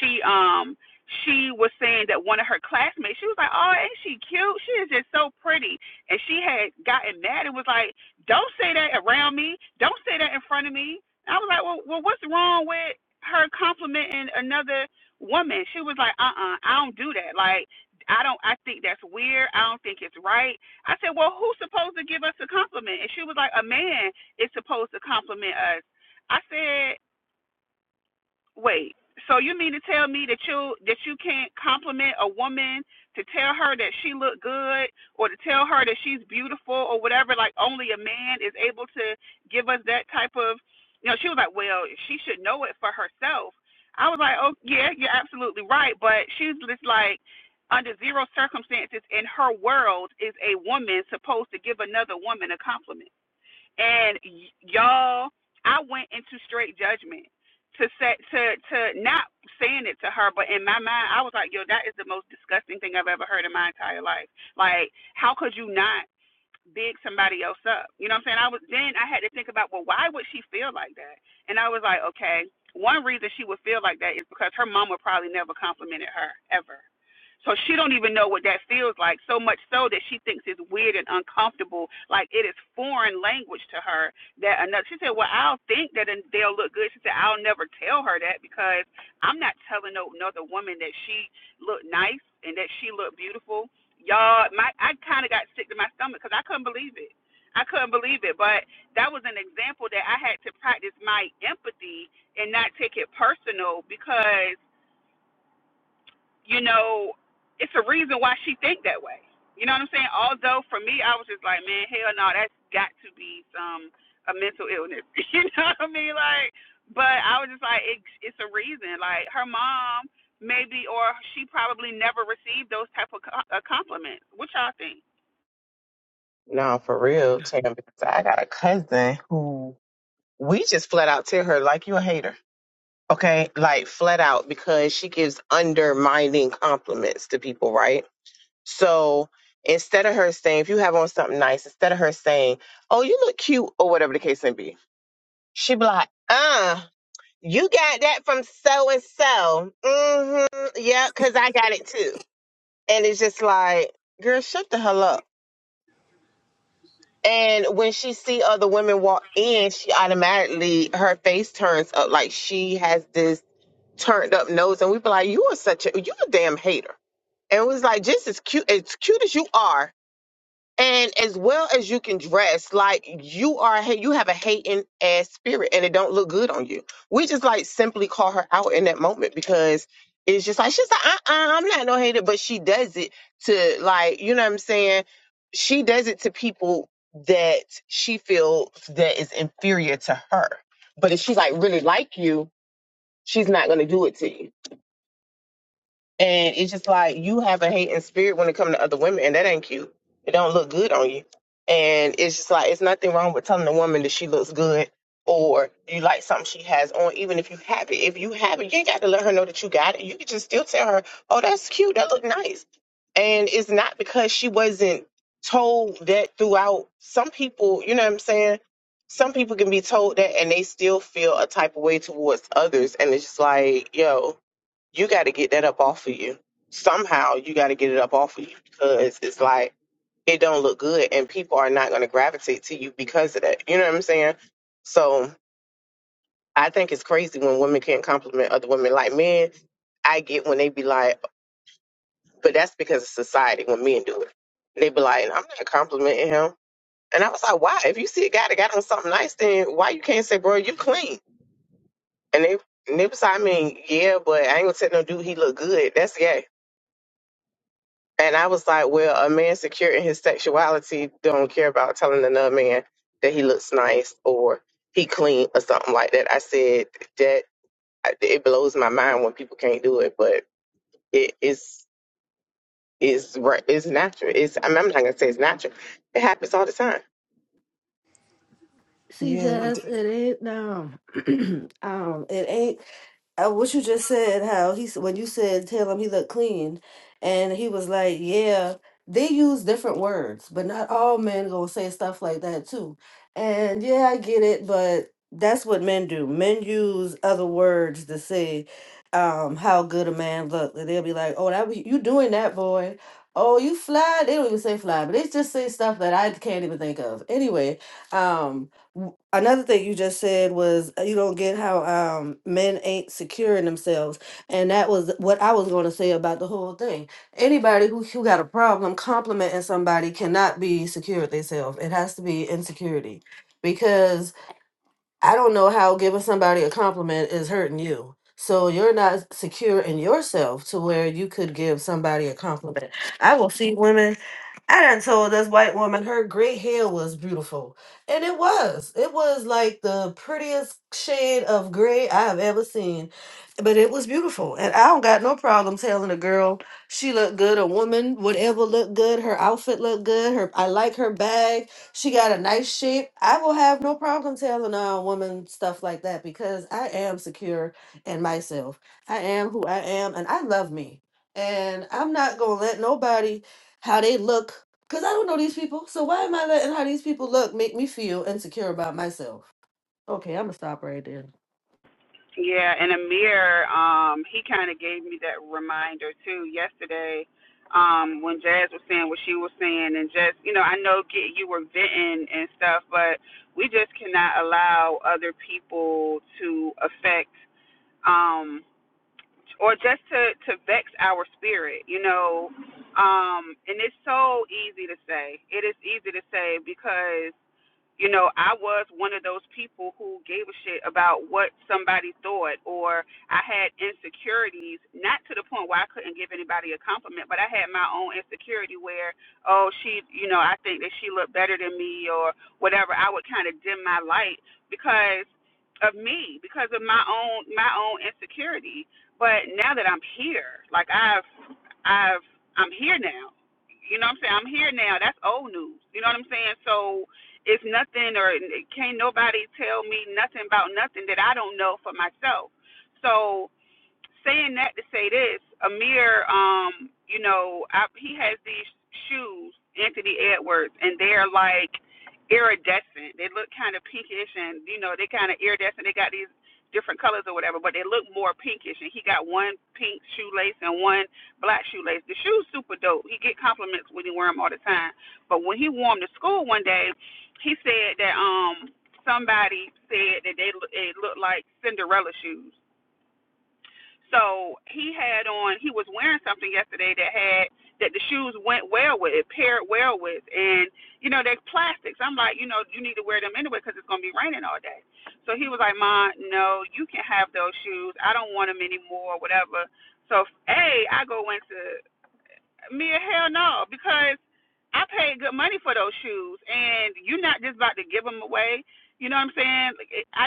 B: she um she was saying that one of her classmates, she was like, "Oh, ain't she cute? She is just so pretty." And she like, "See, don't she?" I with her in the way. I don't. I said, "Who give us a compliment? It's to compliment us." I said. Wait. So you mean to tell me that you that you can't compliment a woman to tell her that she look good or to tell her that she's beautiful or whatever? Like only a man is able to give us that type of. You know, she was like, well, she should know it for herself. I was like, oh yeah, you're absolutely right, but she's just like. Under zero circumstances in her world is a woman supposed to give another woman a compliment and y'all i went into straight judgment to say to to not saying it to her but in my mind i was like yo that is the most disgusting thing i've ever in my entire life like I, and i okay, one is her so she would know like so much so that she thinks it's weird and uncomfortable. Like it is foreign language to her. That another, she said, "Well, I'll think that and they'll look good." She said, "I'll never tell her that because I'm not telling no another woman that she looked nice and that she looked beautiful." Y'all, my I kind of got sick to my stomach because I couldn't believe it. I couldn't believe it, but that was an example that I had to practice my empathy and not take it personal because oh, it's a way. You know, that's got um, a man, um, maybe.
E: No, for real, Tam, because I got a cousin who we just flat out tell her like you a hater okay like flat out because she gives undermining compliments to people right so instead of her saying if you have on something nice instead of her saying oh you look cute or whatever the case may be she be like uh you got that from so and so mm-hmm yeah because i got it too and it's just like girl shut the hell up and when she see other women walk in she automatically her face turns up like she has this turned up nose and we'd be like, You are such a you a damn hater. And it was like just as cute as cute as you are and as well as you can dress, like you are hey, you have a hating ass spirit and it don't look good on you. We just like simply call her out in that moment because it's just like she's like, uh uh-uh, I'm not no hater, but she does it to like, you know what I'm saying? She does it to people that she feels that is inferior to her. But if she like really like you, she's not gonna do it to you and it's just like you have a hating spirit when it comes to other women, and that ain't cute. It don't look good on you. And it's just like it's nothing wrong with telling a woman that she looks good or you like something she has on, even if you have it. If you have it, you ain't got to let her know that you got it. You can just still tell her, "Oh, that's cute. That look nice." And it's not because she wasn't told that throughout. Some people, you know what I'm saying? Some people can be told that and they still feel a type of way towards others. And it's just like, yo, you got to get that up off of you. Somehow you got to get it up off of you because it's like it don't look good and people are not going to gravitate to you because of that. You know what I'm saying? So I think it's crazy when women can't compliment other women. Like men, I get when they be like, but that's because of society when men do it. They be like, I'm not complimenting him. And I was like, why? If you see a guy that got on something nice, then why you can't say, bro, you clean? And they, and they was like, I mean, yeah, but I ain't gonna tell no dude he look good. That's gay And I was like, well, a man secure in his sexuality don't care about telling another man that he looks nice or he clean or something like that. I said that it blows my mind when people can't do it, but it is is right. It's natural. It's I mean, I'm not gonna say it's natural. It happens all the time.
D: See,
A: yes,
D: Jess, it ain't um, um, it ain't uh, what you just said, how he s- when you said tell him he looked clean, and he was like, yeah, they use different words, but not all men gonna say stuff like that too. And yeah, I get it, but that's what men do. Men use other words to say um how good a man look. And They'll be like, oh, that was- you doing that, boy. Oh, you fly. They don't even say fly, but they just say stuff that I can't even think of. Anyway, um w- another thing you just said was uh, you don't get how um men ain't securing themselves and that was what i was going to say about the whole thing anybody who, who got a problem complimenting somebody cannot be secure with themselves it has to be insecurity because i don't know how giving somebody a compliment is hurting you so you're not secure in yourself to where you could give somebody a compliment i will see women I done told this white woman her gray hair was beautiful. And it was. It was like the prettiest shade of gray I've ever seen. But it was beautiful. And I don't got no problem telling a girl she looked good, a woman, whatever looked good, her outfit looked good, her I like her bag, she got a nice shape. I will have no problem telling a woman stuff like that because I am secure in myself. I am who I am and I love me. And I'm not gonna let nobody how they look because i don't know these people so why am i letting how these people look make me feel insecure about myself okay i'm gonna stop right there
B: Yeah, and Amir, um, he kind of gave me that reminder too yesterday um, when Jazz was saying what she was saying, and just you know, I know get you were venting and stuff, but we just cannot allow other people to affect um, or just to to vex our spirit, you know. Um, and it's so easy to say. It is easy to say because you know, I was one of those people who gave a shit about what somebody thought, or I had insecurities, not to the point where I couldn't give anybody a compliment, but I had my own insecurity where, oh, she, you know, after me, or what I, because of me, because of my own my own insecurity. But now that I'm here, like I've I've I'm here now. You know what I'm saying? I'm here now. That's old news. You know what I'm saying? So it's nothing or can't nobody tell me nothing about nothing that I don't know for myself. So saying that to say this, Amir, um, you know, I, he has these shoes, Anthony Edwards, and they're like iridescent. They look kind of pinkish, and you know, they kind of iridescent. They got these different colors or whatever, but they look more pinkish. And he got one pink shoelace and one black shoelace. The shoes super dope. He get compliments when he wear them all the time. But when he wore them to school one day, he said that um somebody said that they it looked like Cinderella shoes so he had on he was wearing something yesterday that had that the shoes went well with, it paired well with, and you know they're plastics. I'm like, you know, you need to wear them anyway because it's gonna be raining all day. So he was like, Ma, no, you can have those shoes. I don't want them anymore, whatever. So a, I go into me, hell no, because I paid good money for those shoes, and you're not just about to give them away. You know what I mean? Like, I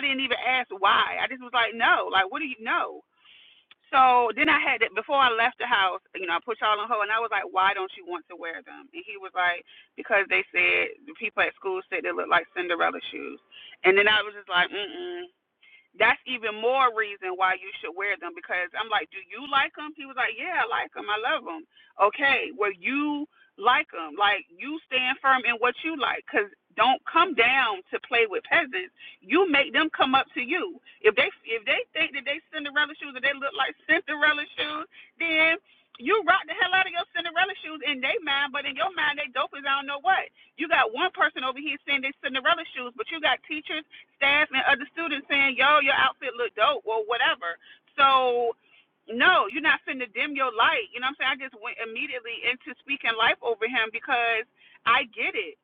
B: didn't know, like no. So then. I put y'all on hold. And I was like, why don't you want to wear them? And he was like, because they said the people at school said they look like Cinderella shoes. And then I was just like, mm mm, that's even more reason why you should wear them because I'm like, do you like them? He was like, yeah, I like them. I love them. Okay, well you like them. Like you stand firm in what you like because don't come down to play with peasants. You make them come up to you. If they if they think that they Cinderella shoes and they look like Cinderella shoes, then you rock the hell out of your Cinderella shoes in their mind, but in your mind they dope as I don't know what. You got one person over here saying they Cinderella shoes, but you got teachers staff and other students saying, yo, your outfit look dope or whatever. So, no, you're not finna dim your light. You know what I'm saying? I just went immediately into speaking life over him because I get it.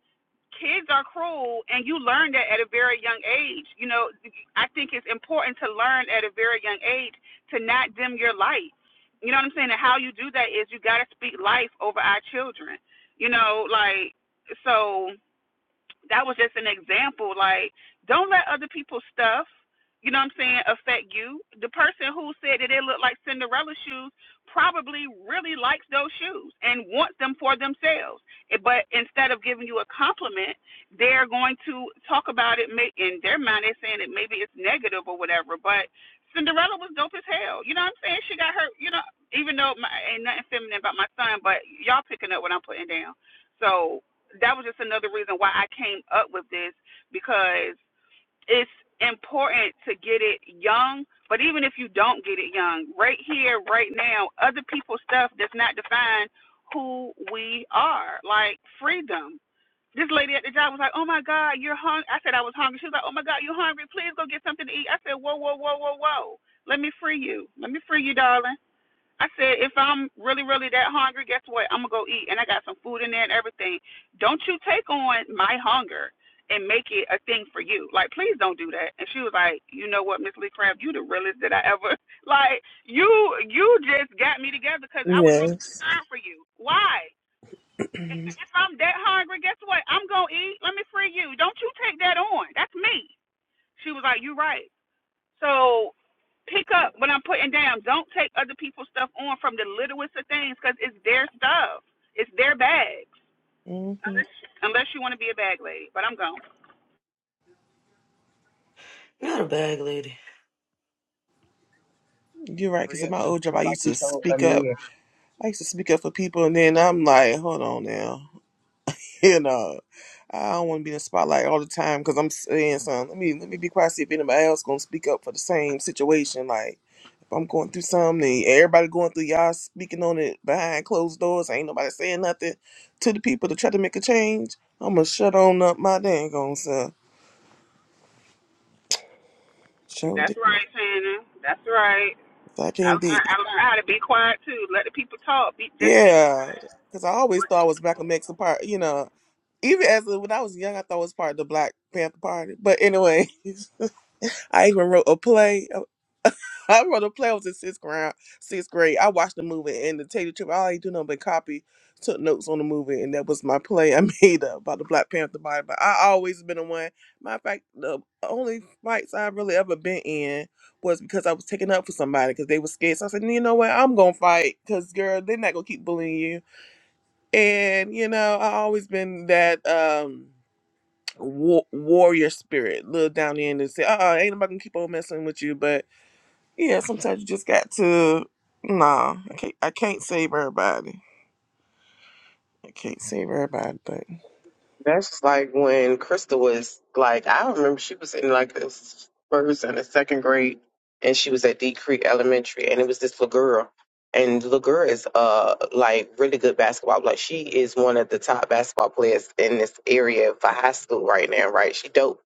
B: Kids are cruel, and you learn that at a very young age. You know, I think it's important to learn at a very young age to not dim your light. You know what I'm saying? And how you do that is you got to speak life over our children. You know, like, so that was just an example. Like, don't let other people's stuff, you know what I'm saying, of you. Who said like the shoes probably likes those shoes and those. If but you a compliment, they're going to talk about it may, in their mind. They're saying that maybe it's negative or whatever. But Cinderella was dope as hell. You know what I'm saying? She got her, you know, even though my, ain't nothing feminine about my son, but y'all picking up what I'm putting down. So that was just another reason why I came up with this because it's important to get it young, but even if you don't get it young, right here, right now, other people's stuff does not define who we are. Like freedom. This lady at the job was like, Oh my God, you're hungry. I said I was hungry. She was like, Oh my God, you're hungry. Please go get something to eat. I said, Whoa, whoa, whoa, whoa, whoa. Let me free you. Let me free you, darling. I said, if I'm really, really that hungry, guess what? I'm gonna go eat and I got some food in there and everything. Don't you take on my hunger and make things free. Please and she was like, "You know what, Miss Lee Craft, you the realest that I ever like. You you just got me together because I was really
A: yes.
B: concerned for you. Why? If if I'm that hungry, guess what? I'm gonna eat. Let me free you. Don't you take that on. That's me." She was like, "You right. So pick up what I'm putting down. Don't take other people's stuff on from the littlest of things because it's their stuff. It's their bags.
A: hmm
B: Unless unless you want to be a bag lady, but I'm gone.
D: Not a bag lady.
A: You're right.
E: For
A: Because in
E: real.
A: my old job, I used to
E: Oh, I
A: speak up.
E: mean,
A: I used to speak up for people, and then I'm like, hold on now, you know, I don't want to be in the spotlight all the time because I'm saying something. Let me let me be quiet. See if anybody else gonna speak up for the same situation. Like if I'm going through something, and everybody going through y'all speaking on it behind closed doors. Ain't nobody saying nothing to the people to try to make a change. I'm gonna shut on up my dang on self. Show
B: That's
A: it.
B: right, Shannon. That's right.
A: I
B: I
A: can't
B: learned,
A: be.
B: I learned how to be quiet too. Let the people talk. Be just be
A: Yeah. Because I always
B: quiet.
A: thought I was back of Mexican part, you know. Even as a, when I was young, I thought it was part of the Black Panther Party. But anyway, I even wrote a play. I wrote a play. I was in sixth grade. Sixth grade. I watched the movie and to tell you the Taylor trip. All I do nothing but copy, took notes on the movie, and that was my play I made up about the Black Panther Party. But I always been the one. Matter of fact, the only fights I really ever been in was because I was taking up for somebody because they were scared. So I said, you know what? I'm gonna fight because girl, they're not gonna keep bullying you. And you know, I always been that. um war- warrior spirit look down in and say, "Uh, ain't nobody gonna keep on messing with you." But yeah, sometimes you just got to. Nah, I can't. I can't save everybody. I can't save everybody, but
E: That's like when Crystal was like, I remember she was in like this first and the second grade, and she was at D Creek Elementary, and it was this little girl, and the little girl is uh like really good basketball. Like she is one of the top basketball players in this area for high school right now, right? She dope,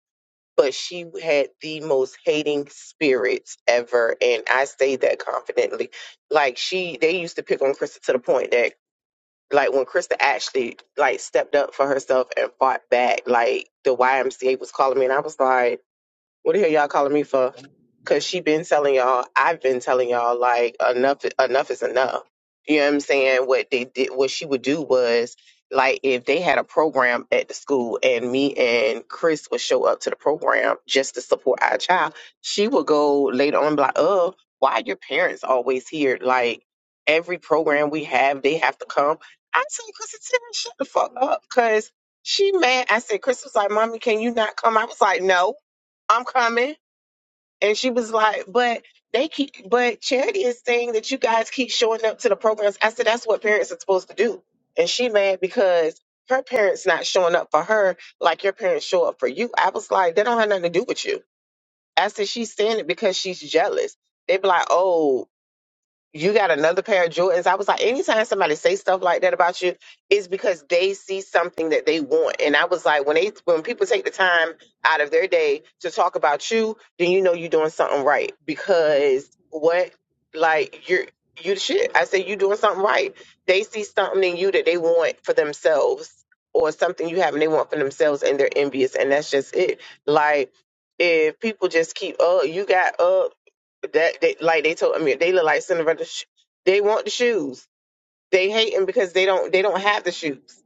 E: but she had the most hating spirits ever, and I say that confidently. Like she, they used to pick on Crystal to the point that like when Krista actually like stepped up for herself and fought back, like the YMCA was calling me and I was like, what the hell y'all calling me for? Cause she been telling y'all, I've been telling y'all like enough enough is enough. You know what I'm saying? What they did what she would do was like if they had a program at the school and me and Chris would show up to the program just to support our child, she would go later on and be like, Oh, why are your parents always here? Like every program we have, they have to come. I said, Chris, shut the fuck up. Cause she mad. I said, Chris was like, Mommy, can you not come? I was like, No. I'm coming. And she was like, but they keep, but Charity is saying that you guys keep showing up to the programs. I said, that's what parents are supposed to do. And she mad because her parents not showing up for her like your parents show up for you. I was like, that don't have nothing to do with you. I said, she's saying it because she's jealous. They be like, oh, you got another pair of Jordans. I was like, anytime somebody say stuff like that about you, it's because they see something that they want. And I was like, when they when people take the time out of their day to talk about you, then you know you're doing something right. Because what like you're you the shit. I said you doing something right. They see something in you that they want for themselves or something you have and they want for themselves and they're envious and that's just it. Like if people just keep, oh, you got up that they like they told I mean they look like Cinderella. Sh- they want the shoes. They hate them because they don't they don't have the shoes.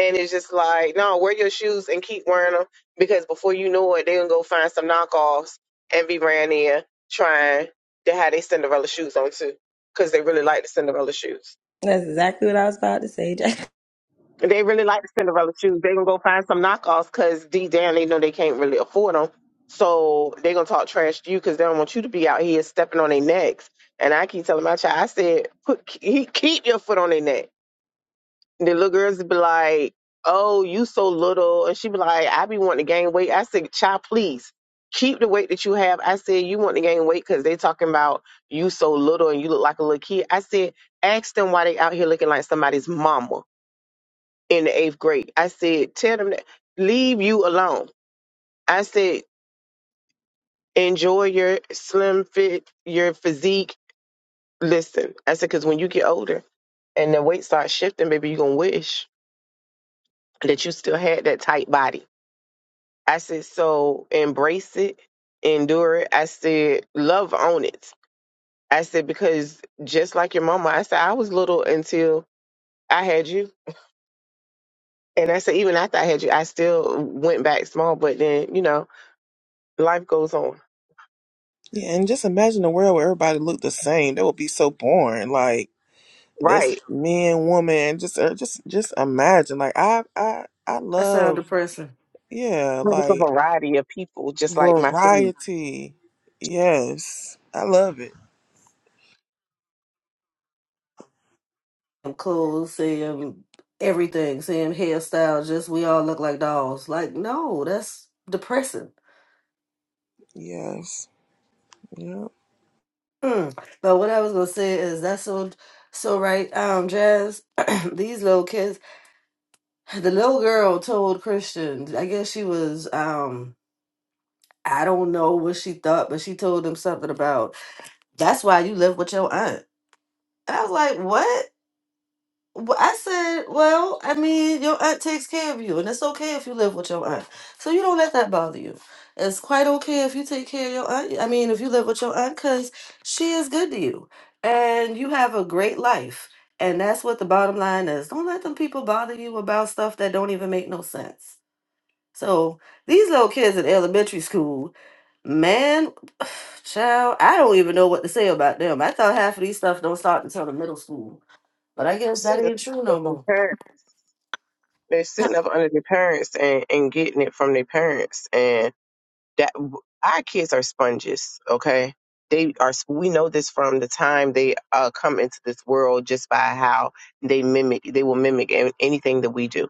E: And it's just like no, wear your shoes and keep wearing them because before you know it, they gonna go find some knockoffs and be brand there trying to have their Cinderella shoes on too because they really like the Cinderella shoes.
C: That's exactly what I was about to say, Jack.
E: They really like the Cinderella shoes. They gonna go find some knockoffs because deep down they know they can't really afford them. So they gonna talk trash to you because they don't want you to be out here stepping on their necks. And I keep telling my child, I said, put he, keep your foot on their neck. And the little girls be like, "Oh, you so little," and she be like, "I be wanting to gain weight." I said, "Child, please." Keep the weight that you have. I said you want to gain weight because they talking about you so little and you look like a little kid. I said ask them why they out here looking like somebody's mama in the eighth grade. I said, tell them that leave you alone. I said, enjoy your slim fit, your physique. Listen, I said, because when you get older and the weight starts shifting, baby, you're going to wish that you still had that tight body. I said, so embrace it, endure it. I said, love on it. I said, because just like your mama, I said, I was little until I had you. And I said, even after I had you, I still went back small, but then, you know, life goes on.
A: yeah, and just imagine a world where everybody looked the same. That would be so boring. Like that's
E: Right.
A: men, woman. Just, uh, just, just imagine. Like I, I, I
D: i sound
A: love.
D: depressing
A: Yeah,
E: like a
A: like
E: variety of people, just like my food.
A: variety. Yes, I love it.
D: i'm clothes saying everything saying hairstyle just we all look like dolls like no that's depressing
A: Yes. Yep.
D: Mm. but what i was gonna say is that's so so right um jazz these little kids the little girl told christian i guess she was um i don't know what she thought but she told him something about. that's why you live with your aunt. And I was like, what? Wh- I said, well, I mean, your aunt takes care of you, and it's okay if you live with your aunt. So you don't let that bother you. It's quite okay if you take care of your aunt. I mean, if you live with your aunt, because she is good to you, and you have a great life. And that's what the bottom line is. Don't let them people bother you about stuff that don't even make no sense. So these little kids in elementary school. Man, child, I don't even know what to say about them. I thought half of these stuff don't start until the middle school, but I
E: They're
D: guess that
E: sitting up
D: ain't true no
E: under their
D: more.
E: parents. They're sitting up under their parents and, and getting it from their parents. And that our kids are sponges, okay? They are. We know this from the time they uh, come into this world, just by how they mimic. They will mimic an- anything that we do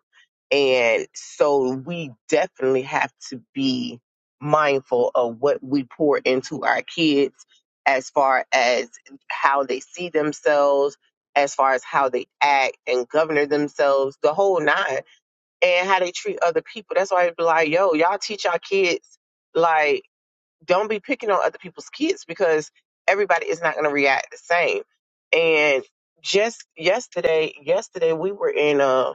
E: And so we definitely have to be mindful of what we pour into our kids as far as how they see themselves, as far as how they act and govern themselves, the whole nine, and how they treat other people. That's why I be like, yo, y'all teach our kids, like, don't be picking on other people's kids because everybody is not going to react the same. And just yesterday, yesterday we were in a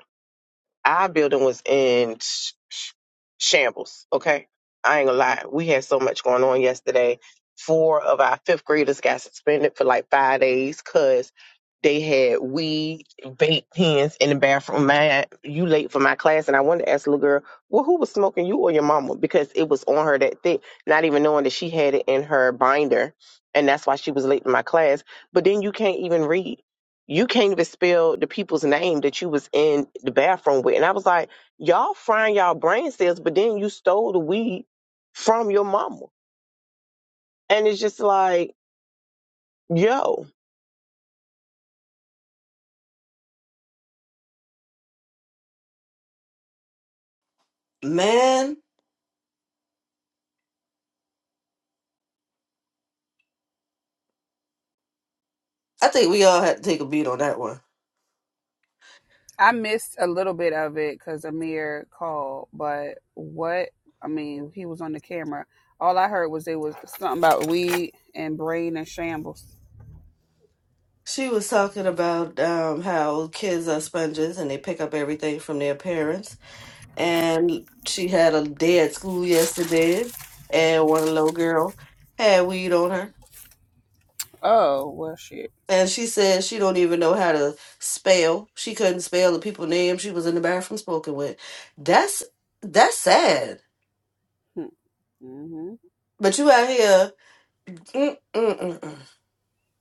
E: our building was in sh- sh- shambles. Okay, I ain't gonna lie. We had so much going on yesterday. Four of our fifth graders got suspended for like five days because they had weed, vape pens in the bathroom. Man, you late for my class, and I wanted to ask the little girl, well, who was smoking, you or your mama? Because it was on her that thick, not even knowing that she had it in her binder, and that's why she was late for my class. But then you can't even read you can't even spell the people's name that you was in the bathroom with. And I was like, y'all frying y'all brain cells, but then you stole the weed from your mama. And it's just like, yo,
D: Man, I think we all had to take a beat on that one.
B: I missed a little bit of it because Amir called, but what I mean, he was on the camera. All I heard was it was something about weed and brain and shambles.
D: She was talking about um, how kids are sponges and they pick up everything from their parents. And she had a day at school yesterday, and one little girl had weed on her.
B: Oh well, shit.
D: And she said she don't even know how to spell. She couldn't spell the people names she was in the bathroom spoken with. That's that's sad.
B: Hmm. Mm-hmm.
D: But you out here. mm, mm, mm, mm.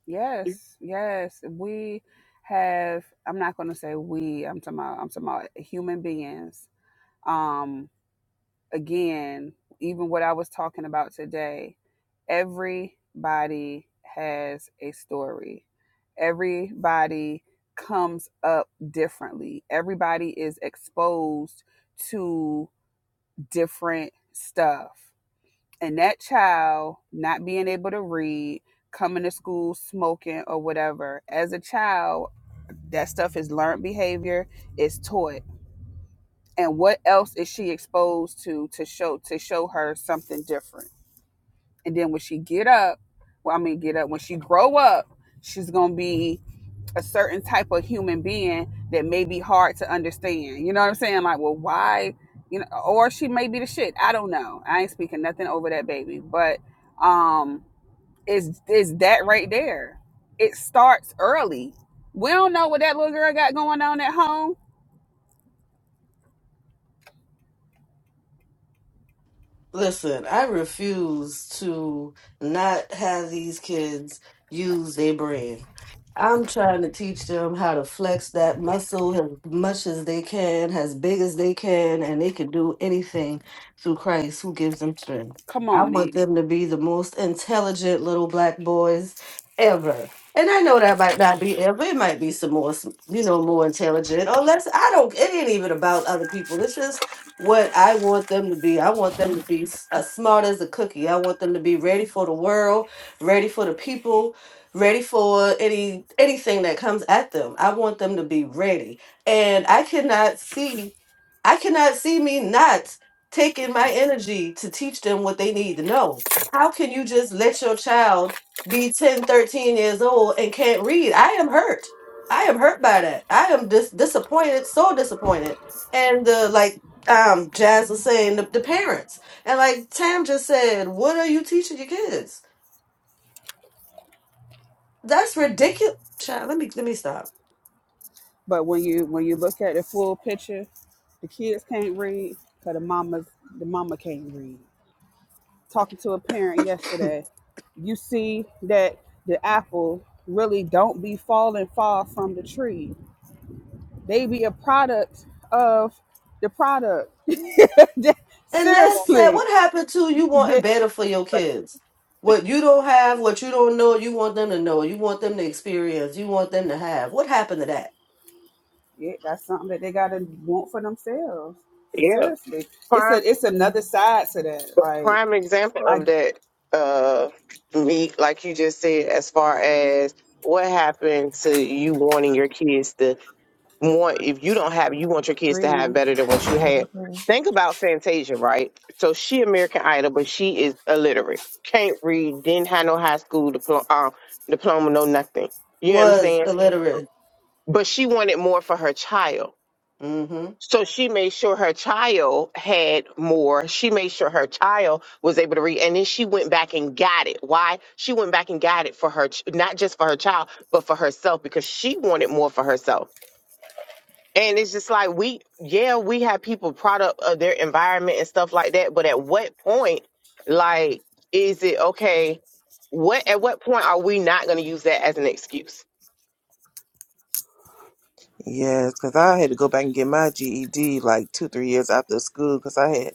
B: Yes, yes. We have. I'm not gonna say we. I'm talking about. I'm talking about human beings. Um, again, even what I was talking about today, everybody has a story. Everybody comes up differently. Everybody is exposed to different stuff. And that child not being able to read, coming to school smoking or whatever, as a child, that stuff is learned behavior, it's taught and what else is she exposed to to show to show her something different and then when she get up well i mean get up when she grow up she's gonna be a certain type of human being that may be hard to understand you know what i'm saying like well why you know or she may be the shit i don't know i ain't speaking nothing over that baby but um it's it's that right there it starts early we don't know what that little girl got going on at home
D: Listen, I refuse to not have these kids use their brain. I'm trying to teach them how to flex that muscle as much as they can, as big as they can, and they can do anything through Christ who gives them strength.
B: come
D: I
B: on me
D: want them to be the most intelligent little black boys ever. And I know that might not be ever. It might be some more, s- you know, more intelligent. Or less. I don't. It ain't even about other people. It's just what I want them to be. I want them to be s- as smart as a cookie. I want them to be ready for the world, ready for the people, ready for any anything that comes at them. I want them to be ready. And I cannot see I cannot see me not taking my energy to teach them what they need to know. How can you just let your child be 10, 13 years old and can't read? I am hurt. I am hurt by that. I am dis- disappointed, so disappointed. And the like um Jazz was saying, the, the parents. And like Tam just said, what are you teaching your kids? That's ridiculous. Child, let me let me stop.
B: But when you when you look at the full picture, the kids can't read because the mama's the mama can't read. Talking to a parent yesterday, you see that the apple really don't be falling far from the tree. They be a product of the product.
D: And that's sad.
B: Seriously,
D: What happened to you wanting
B: that,
D: better for your kids? What you don't have, what you don't know, you want them to know. You want them to experience. You want them to have. What happened to that?
B: yeah, that's something that they gotta want for themselves.
E: yeah,
B: Seriously, it's a
E: prime
B: it's another side to that. Like
E: prime example
B: I
E: of that. Uh, me, like you just said, as far as what happened to you wanting your kids to want if you don't have you want your kids to have
B: greetings,
E: better than what you had.
A: Mm-hmm.
E: Think about Fantasia, right? So she American Idol, but she is illiterate, can't read, didn't have no high school diploma, um, diploma, no nothing. You know what I'm
D: Was
E: saying?
D: illiterate.
E: But she wanted more for her child.
D: Mm-hmm.
E: So she made sure her child had more. She made sure her child was able to read. And then she went back and got it. Why? She went back and got it for her, ch- not just for her child, but for herself because she wanted more for herself. And it's just like we, yeah, we have people product of their environment and stuff like that. But at what point, like, is it okay? What at what point are we not going to use that as an excuse?
A: Yes, because I had to go back and get my GED like two, three years after school because I had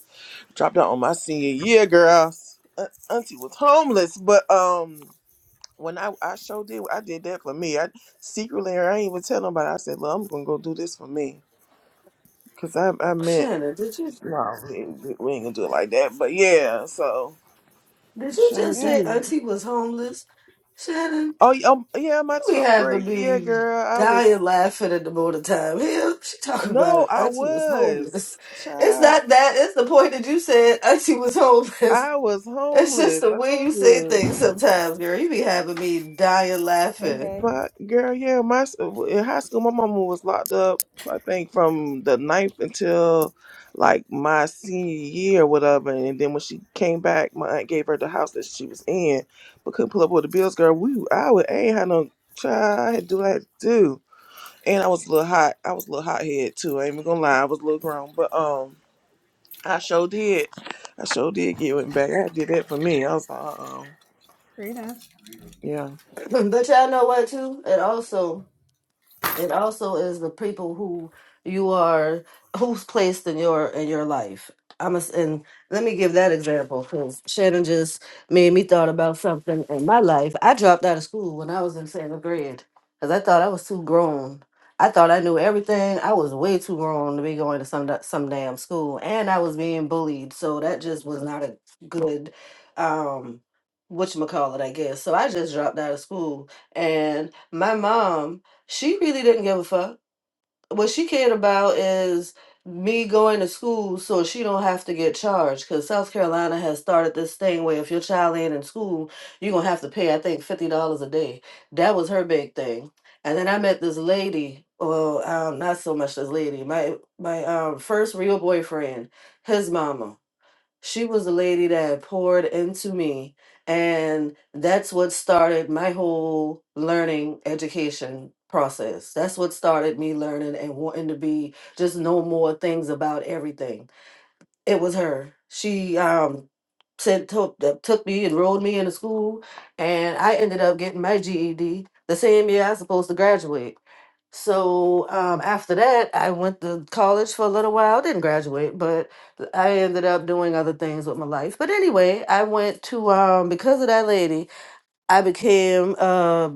A: dropped out on my senior year, girls. Uh, auntie was homeless, but um, when I I sure did, I did that for me. I secretly, I ain't even tell nobody. I said, "Look, I'm gonna go do this for me," because I I meant
D: Shannon, did you
A: no, we, ain't- we ain't gonna do it like that. But yeah, so
D: did you
A: sure
D: just
B: yeah,
D: say
A: did.
D: Auntie was homeless? Shannon.
A: Oh yeah, um, yeah, my
D: We
A: twelfth
D: having
A: grade year,
D: me
A: girl. I was
D: dying laughing in the morning time. Hell, she talking about
A: no,
D: it.
A: I
D: Auntie was
A: was
D: homeless. It's
A: child.
D: not that. It's the point that you said Auntie was homeless.
A: I was
D: It's just
A: homeless.
D: the
A: I
D: way you
A: told
D: say
A: you.
D: things sometimes, girl. You be having me dying
B: hey
D: laughing.
B: hey.
A: But girl, yeah, my s- in high school, my mama was locked up. I think from the ninth until like my senior year, or whatever. And then when she came back, my aunt gave her the house that she was in, but couldn't pull up with the bills. Girl, we I would I ain't had no child. I had to do what I had to do, and I was a little hot. I was a little hot head too. I ain't even gonna lie. I was a little grown, but um, I sure did. I sure did get went back. I did that for me. I was like, uh oh,
B: Greetings.
A: yeah,
D: but y'all know what, too? And also, It also is the people who you are, who's placed in your in your life. I'm a, and let me give that example because Shannon just made me thought about something in my life. I dropped out of school when I was in seventh grade because I thought I was too grown. I thought I knew everything. I was way too grown to be going to some da- some damn school, and I was being bullied. So that just was not a good, um, what you call it, I guess. So I just dropped out of school, and my mom she really didn't give a fuck. What she cared about is me going to school so she don't have to get charged because South Carolina has started this thing where if your child ain't in school, you're gonna have to pay, I think, fifty dollars a day. That was her big thing. And then I met this lady, well, um, not so much this lady, my my um first real boyfriend, his mama. She was the lady that poured into me. And that's what started my whole learning education process. That's what started me learning and wanting to be just know more things about everything. It was her. She um said took, that took me, enrolled me in a school, and I ended up getting my GED the same year I was supposed to graduate. So um, after that, I went to college for a little while. Didn't graduate, but th- I ended up doing other things with my life. But anyway, I went to um, because of that lady, I became uh,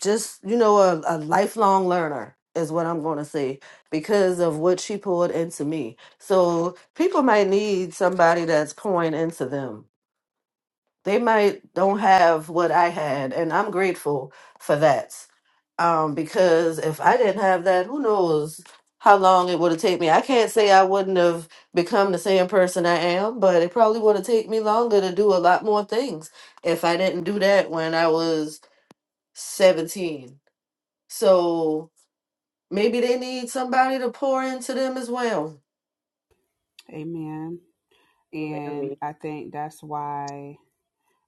D: just you know a, a lifelong learner is what I'm going to say because of what she poured into me. So people might need somebody that's pouring into them they might don't have what I had, and I'm grateful for that. Um, because if I didn't have that, who knows how long it would have taken me. I can't say I wouldn't have become the same person I am, but it probably would have taken me longer to do a lot more things if I didn't do that when I was 17. So maybe they need somebody to pour into them as well.
B: Amen.
E: Amen. I
B: And
E: mean,
B: I think that's why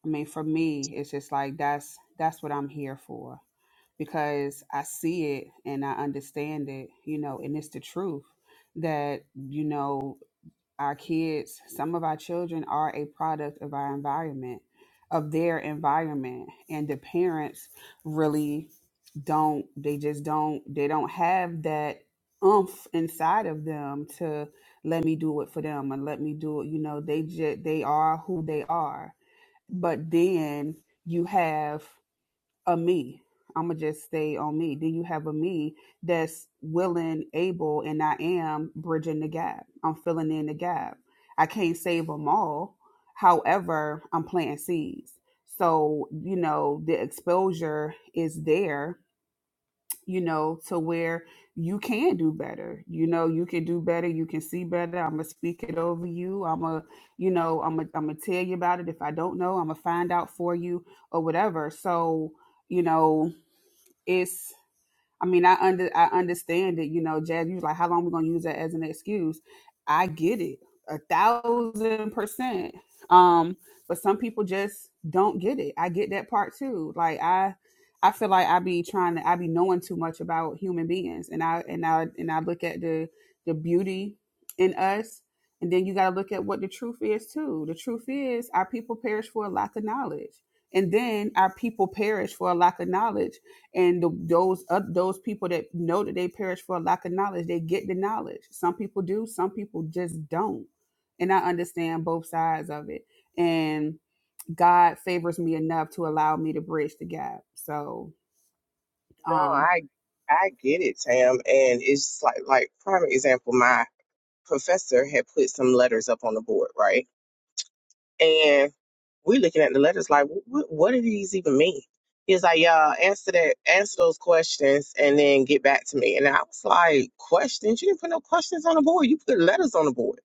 B: I mean for me it's just like that's that's what I'm here for because I see it and I understand it, you know, and it's the truth that you know our kids, some of our children are a product of our environment, of their environment. And the parents really don't, they just don't, they don't have that oomph inside of them to let me do it for them and let me do it. You know, they just, they are who they are. But then you have a me. I'm gonna just stay on me. Then you have a me that's willing, able, and I am bridging the gap. I'm filling in the gap. I can't save them all. However, I'm planting seeds. So, you know, the exposure is there, you know, to where you can do better. You know, you can do better. You can see better. I'm gonna speak it over you. I'm gonna, you know, I'm gonna, I'm gonna tell you about it. If I don't know, I'm gonna find out for you or whatever. So, you know, it's I mean, I under I understand it, you know, Jazz, you was like, how long are we gonna use that as an excuse? I get it. A thousand percent. Um, but some people just don't get it. I get that part too. Like I I feel like I be trying to I be knowing too much about human beings and I and I and I look at the the beauty in us and then you gotta look at what the truth is too. The truth is our people perish for a lack of knowledge. And then our people perish for a lack of knowledge and the, those uh, those people that know that they perish for a lack of knowledge they get the knowledge some people do some people just don't and i understand both sides of it and god favors me enough to allow me to bridge the gap so
E: no,
B: um,
E: I I get it, Tam, and it's just like like prime example. My professor had put some letters up on the board, right? And we looking at the letters like, what, what do these even mean? He's like, y'all answer that, answer those questions, and then get back to me. And I was like, questions? You didn't put no questions on the board. You put letters on the board.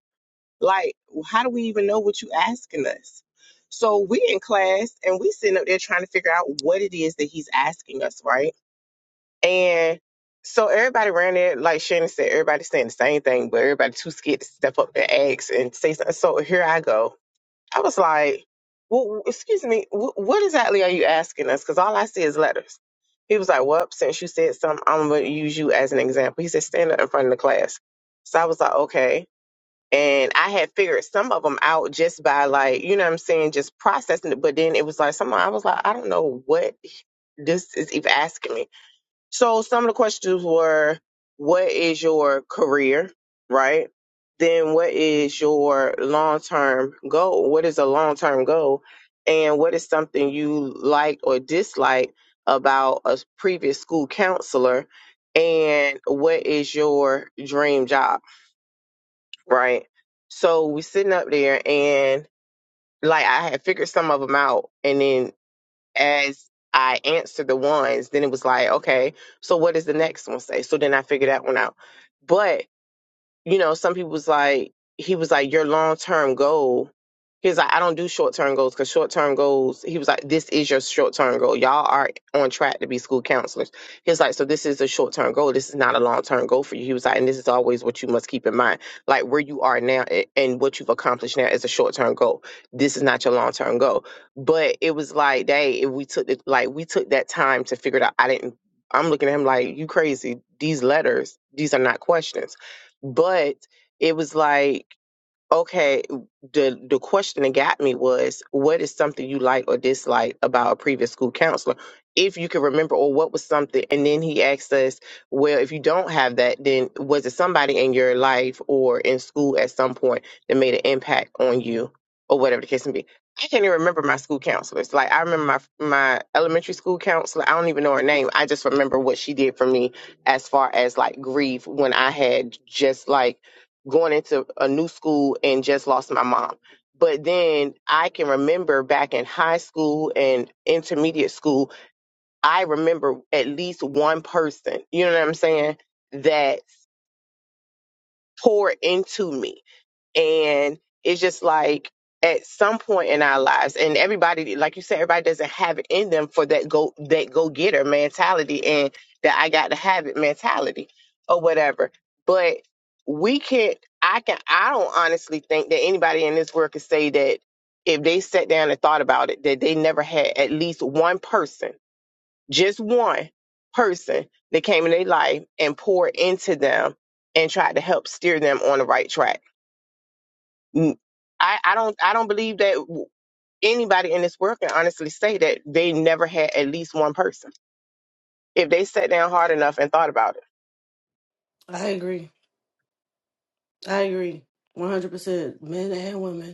E: Like, how do we even know what you asking us? So we in class and we sitting up there trying to figure out what it is that he's asking us, right? And so everybody ran there, like Shannon said, everybody saying the same thing, but everybody too scared to step up and ask and say something. So here I go I was like, well, excuse me, wh- what exactly are you asking us? Because all I see is letters. He was like, well, since you said something, I'm going to use you as an example. He said, stand up in front of the class. So I was like, okay. And I had figured some of them out just by like, you know what I'm saying, just processing it. But then it was like, someone, I was like, I don't know what this is even asking me. So some of the questions were what is your career, right? Then what is your long-term goal? What is a long-term goal? And what is something you liked or disliked about a previous school counselor? And what is your dream job, right? So we sitting up there and like I had figured some of them out, and then as I answered the ones, then it was like, okay, so what does the next one say? So then I figured that one out. But you know, some people was like, he was like, your long term goal. He was like, I don't do short term goals because short term goals, he was like, this is your short term goal. Y'all are on track to be school counselors. He was like, so this is a short term goal. This is not a long term goal for you. He was like, and this is always what you must keep in mind. Like where you are now a- and what you've accomplished now is a short term goal. This is not your long term goal. But it was like, they, if we took it, like, we took that time to figure it out. I didn't, I'm looking at him like, you crazy. These letters, these are not questions but it was like okay the the question that got me was what is something you like or dislike about a previous school counselor if you can remember or what was something and then he asked us well if you don't have that then was it somebody in your life or in school at some point that made an impact on you or whatever the case may be i can't even remember my school counselors like i remember my my elementary school counselor i don't even know her name i just remember what she did for me as far as like grief when i had just like going into a new school and just lost my mom. But then I can remember back in high school and intermediate school, I remember at least one person, you know what I'm saying, that poured into me and it's just like at some point in our lives and everybody like you said everybody doesn't have it in them for that go that go getter mentality and that I got to have it mentality or whatever but we can't I can I don't honestly think that anybody in this world could say that if they sat down and thought about it that they never had at least one person just one person that came in their life and poured into them and tried to help steer them on the right track Mm, I, I don't I don't believe that anybody in this world can honestly say that they never had at least one person if they sat down hard enough and thought about it.
D: I agree. I agree. 100%. Men and women.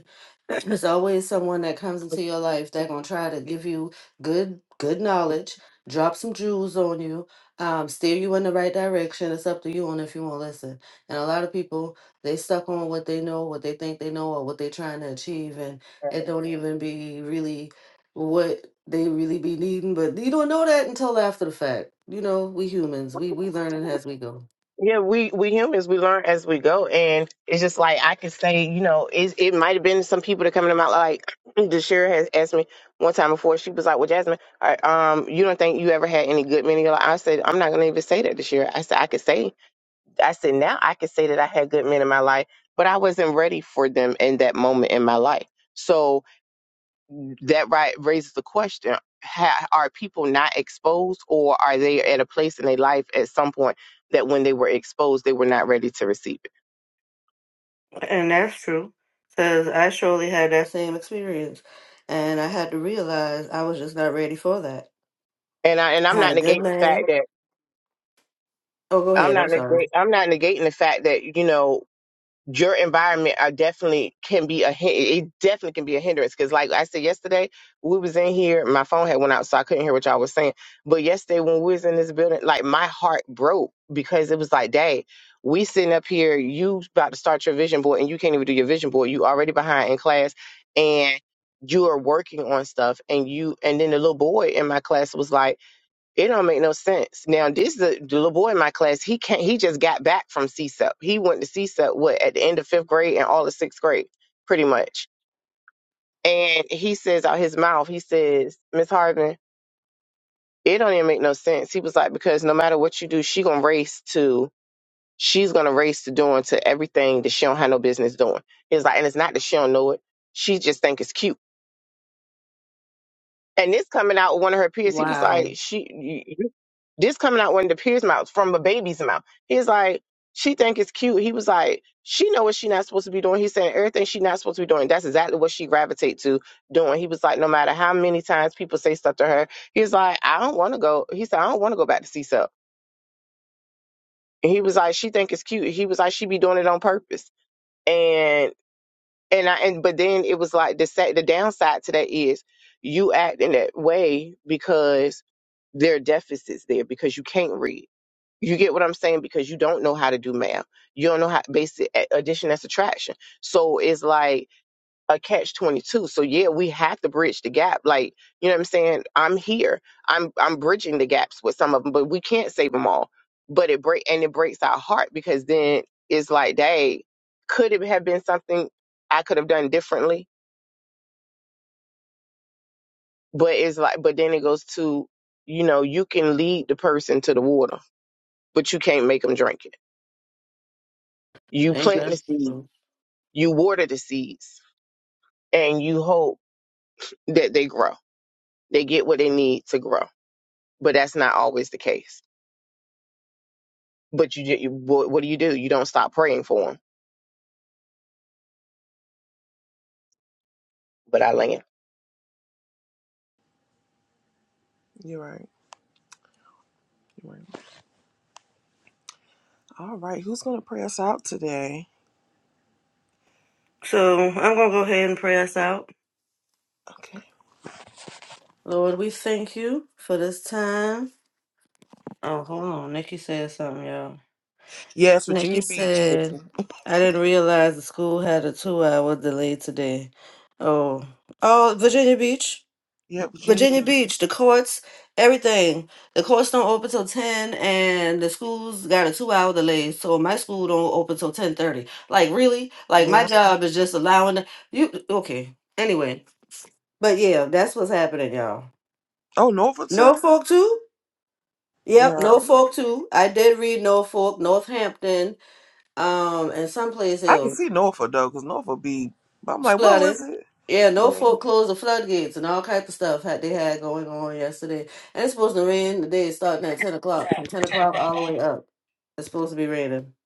D: There's always someone that comes into your life that gonna try to give you good good knowledge, drop some jewels on you, um, steer you in the right direction. It's up to you on if you want to listen. And a lot of people they stuck on what they know, what they think they know, or what they're trying to achieve, and it don't even be really what they really be needing. But you don't know that until after the fact. You know, we humans, we we learning as we go.
E: Yeah, we we humans we learn as we go, and it's just like I can say, you know, it it might have been some people that come to my like. Deshira has asked me one time before. She was like, "Well, Jasmine, all right, um, you don't think you ever had any good men in your life?" I said, "I'm not gonna even say that Deshira I said, "I could say." I said, now I can say that I had good men in my life, but I wasn't ready for them in that moment in my life. So that right raises the question: ha, Are people not exposed, or are they at a place in their life at some point that when they were exposed, they were not ready to receive it?
D: And that's true, because I surely had that same experience. And I had to realize I was just not ready for that.
E: And I and
D: I
E: I'm
D: had
E: not
D: a good
E: negating the fact
D: man.
E: that
D: Oh, go
E: I'm
D: ahead. I'm
E: not
D: sorry.
E: negating, I'm not negating the fact that you know your environment are definitely can be a hin- it definitely can be a hindrance because like I said yesterday we was in here my phone had went out so I couldn't hear what y'all was saying but yesterday when we was in this building like my heart broke because it was like dang we sitting up here you about to start your vision board and you can't even do your vision board you already behind in class and you are working on stuff and you and then the little boy in my class was like it don't make no sense. Now this the, the little boy in my class. He can't. He just got back from CSEP. He went to CSEP what at the end of fifth grade and all of sixth grade, pretty much. And he says out his mouth, he says, "Miss Harvin, it don't even make no sense." He was like, "Because no matter what you do, she gonna race to. She's gonna race to doing to everything that she don't have no business doing." He's like, and it's not that she don't know it. She just think it's cute. And this coming out with one of her peers, he was
D: Wow.
E: like, "She, this coming out when the peer's mouth from a baby's mouth. He's like, she think it's cute. He was like, she know what she not supposed to be doing. He's saying everything she not supposed to be doing. That's exactly what she gravitate to doing. He was like, no matter how many times people say stuff to her, he's like, I don't want to go. He said, I don't want to go back to C-Cell. And he was like, she think it's cute. He was like, she be doing it on purpose. And and I and but then it was like the sa- the downside to that is you act in that way because there are deficits there because you can't read You get what I'm saying? Because you don't know how to do math. You don't know how basic a- addition and subtraction. So it's like a catch 22. So yeah, we have to bridge the gap. Like, you know what I'm saying? I'm here. I'm, I'm bridging the gaps with some of them, but we can't save them all. But it break, and it breaks our heart because then it's like, dang, could it have been something I could have done differently? But it's like, but then it goes to, you know, you can lead the person to the water, but you can't make them drink it. You
D: Ain't
E: plant
D: that
E: the seed
D: true?
E: You water the seeds and you hope that they grow. They get what they need to grow. But that's not always the case. But you, ju- you what, what do you do? You don't stop praying for them. But I land.
A: you're right. All right, who's gonna pray us out today?
D: So I'm going to go ahead and pray us out.
A: Okay.
D: Lord, we thank you for this time. Oh, hold on. Nikki said something, y'all.
A: Yes,
D: Nikki
A: Virginia Beach. Nikki.
D: said, I didn't realize the school had a two hour delay today. Oh, oh, Virginia Beach.
A: Yeah, Virginia.
D: Virginia
A: Beach.
D: Beach, the courts, everything. The courts don't open till ten, and the schools got a two-hour delay. So my school don't open till ten thirty. Like really? Like my
A: Yeah.
D: job is just allowing the, you. Okay. Anyway, but yeah, that's what's happening, y'all.
A: Oh, Norfolk too.
D: Norfolk too. Yep,
A: Yeah,
D: Norfolk too. I did read Norfolk, Northampton, um, and someplace
A: I
D: else.
A: can see Norfolk though, cause Norfolk be. But I'm like, where was
D: flooding.
A: it?
D: Yeah, no
A: Yeah.
D: foreclosed the floodgates, and all kinds of stuff had they had going on yesterday. And it's supposed to rain today, starting at ten o'clock, from ten o'clock all the way up. It's supposed to be raining.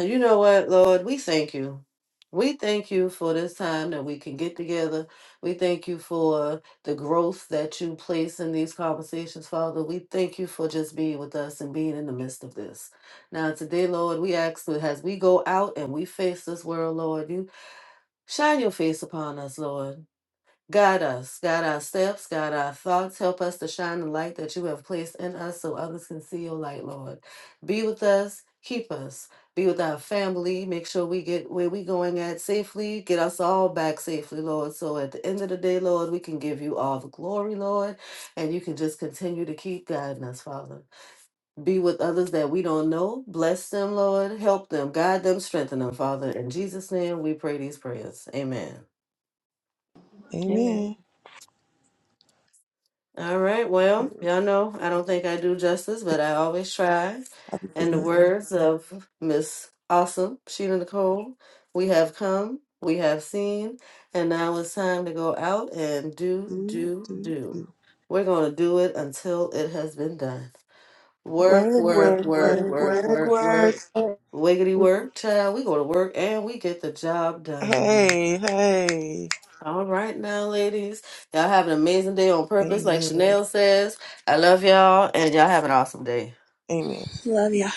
D: You know what, Lord? We thank you. We thank you for this time that we can get together. We thank you for the growth that you place in these conversations, Father. We thank you for just being with us and being in the midst of this. Now, today, Lord, we ask that as we go out and we face this world, Lord, you Shine your face upon us, Lord. Guide us, guide our steps, guide our thoughts. Help us to shine the light that you have placed in us so others can see your light, Lord. Be with us, keep us. Be with our family. Make sure we get where we going at safely. Get us all back safely, Lord. So at the end of the day, Lord, we can give you all the glory, Lord. And you can just continue to keep guiding us, Father. Be with others that we don't know. Bless them, Lord. Help them, guide them, strengthen them, Father. In Jesus' name, we pray these prayers. Amen.
C: Amen.
A: Amen.
D: All right. Well,
A: Do,
D: y'all know I don't think I do justice, but I always try. And the words of Miss Awesome, Sheena Nicole, we have come, we have seen, and now it's time to go out and do, do,
A: do,
D: do.
A: do.
D: We're going to do it until it has been done. Work,
A: Work,
D: work,
A: work,
D: work,
A: work,
D: work,
A: work,
D: work,
A: work.
D: work. Wiggity work, child. We go to work and we get the job done, y'all.
A: Hey, hey.
D: All right now, ladies. Y'all have an amazing day on purpose, like
A: Amen.
D: Chanel says. I love y'all, and y'all have an awesome day.
A: Amen.
C: Love you.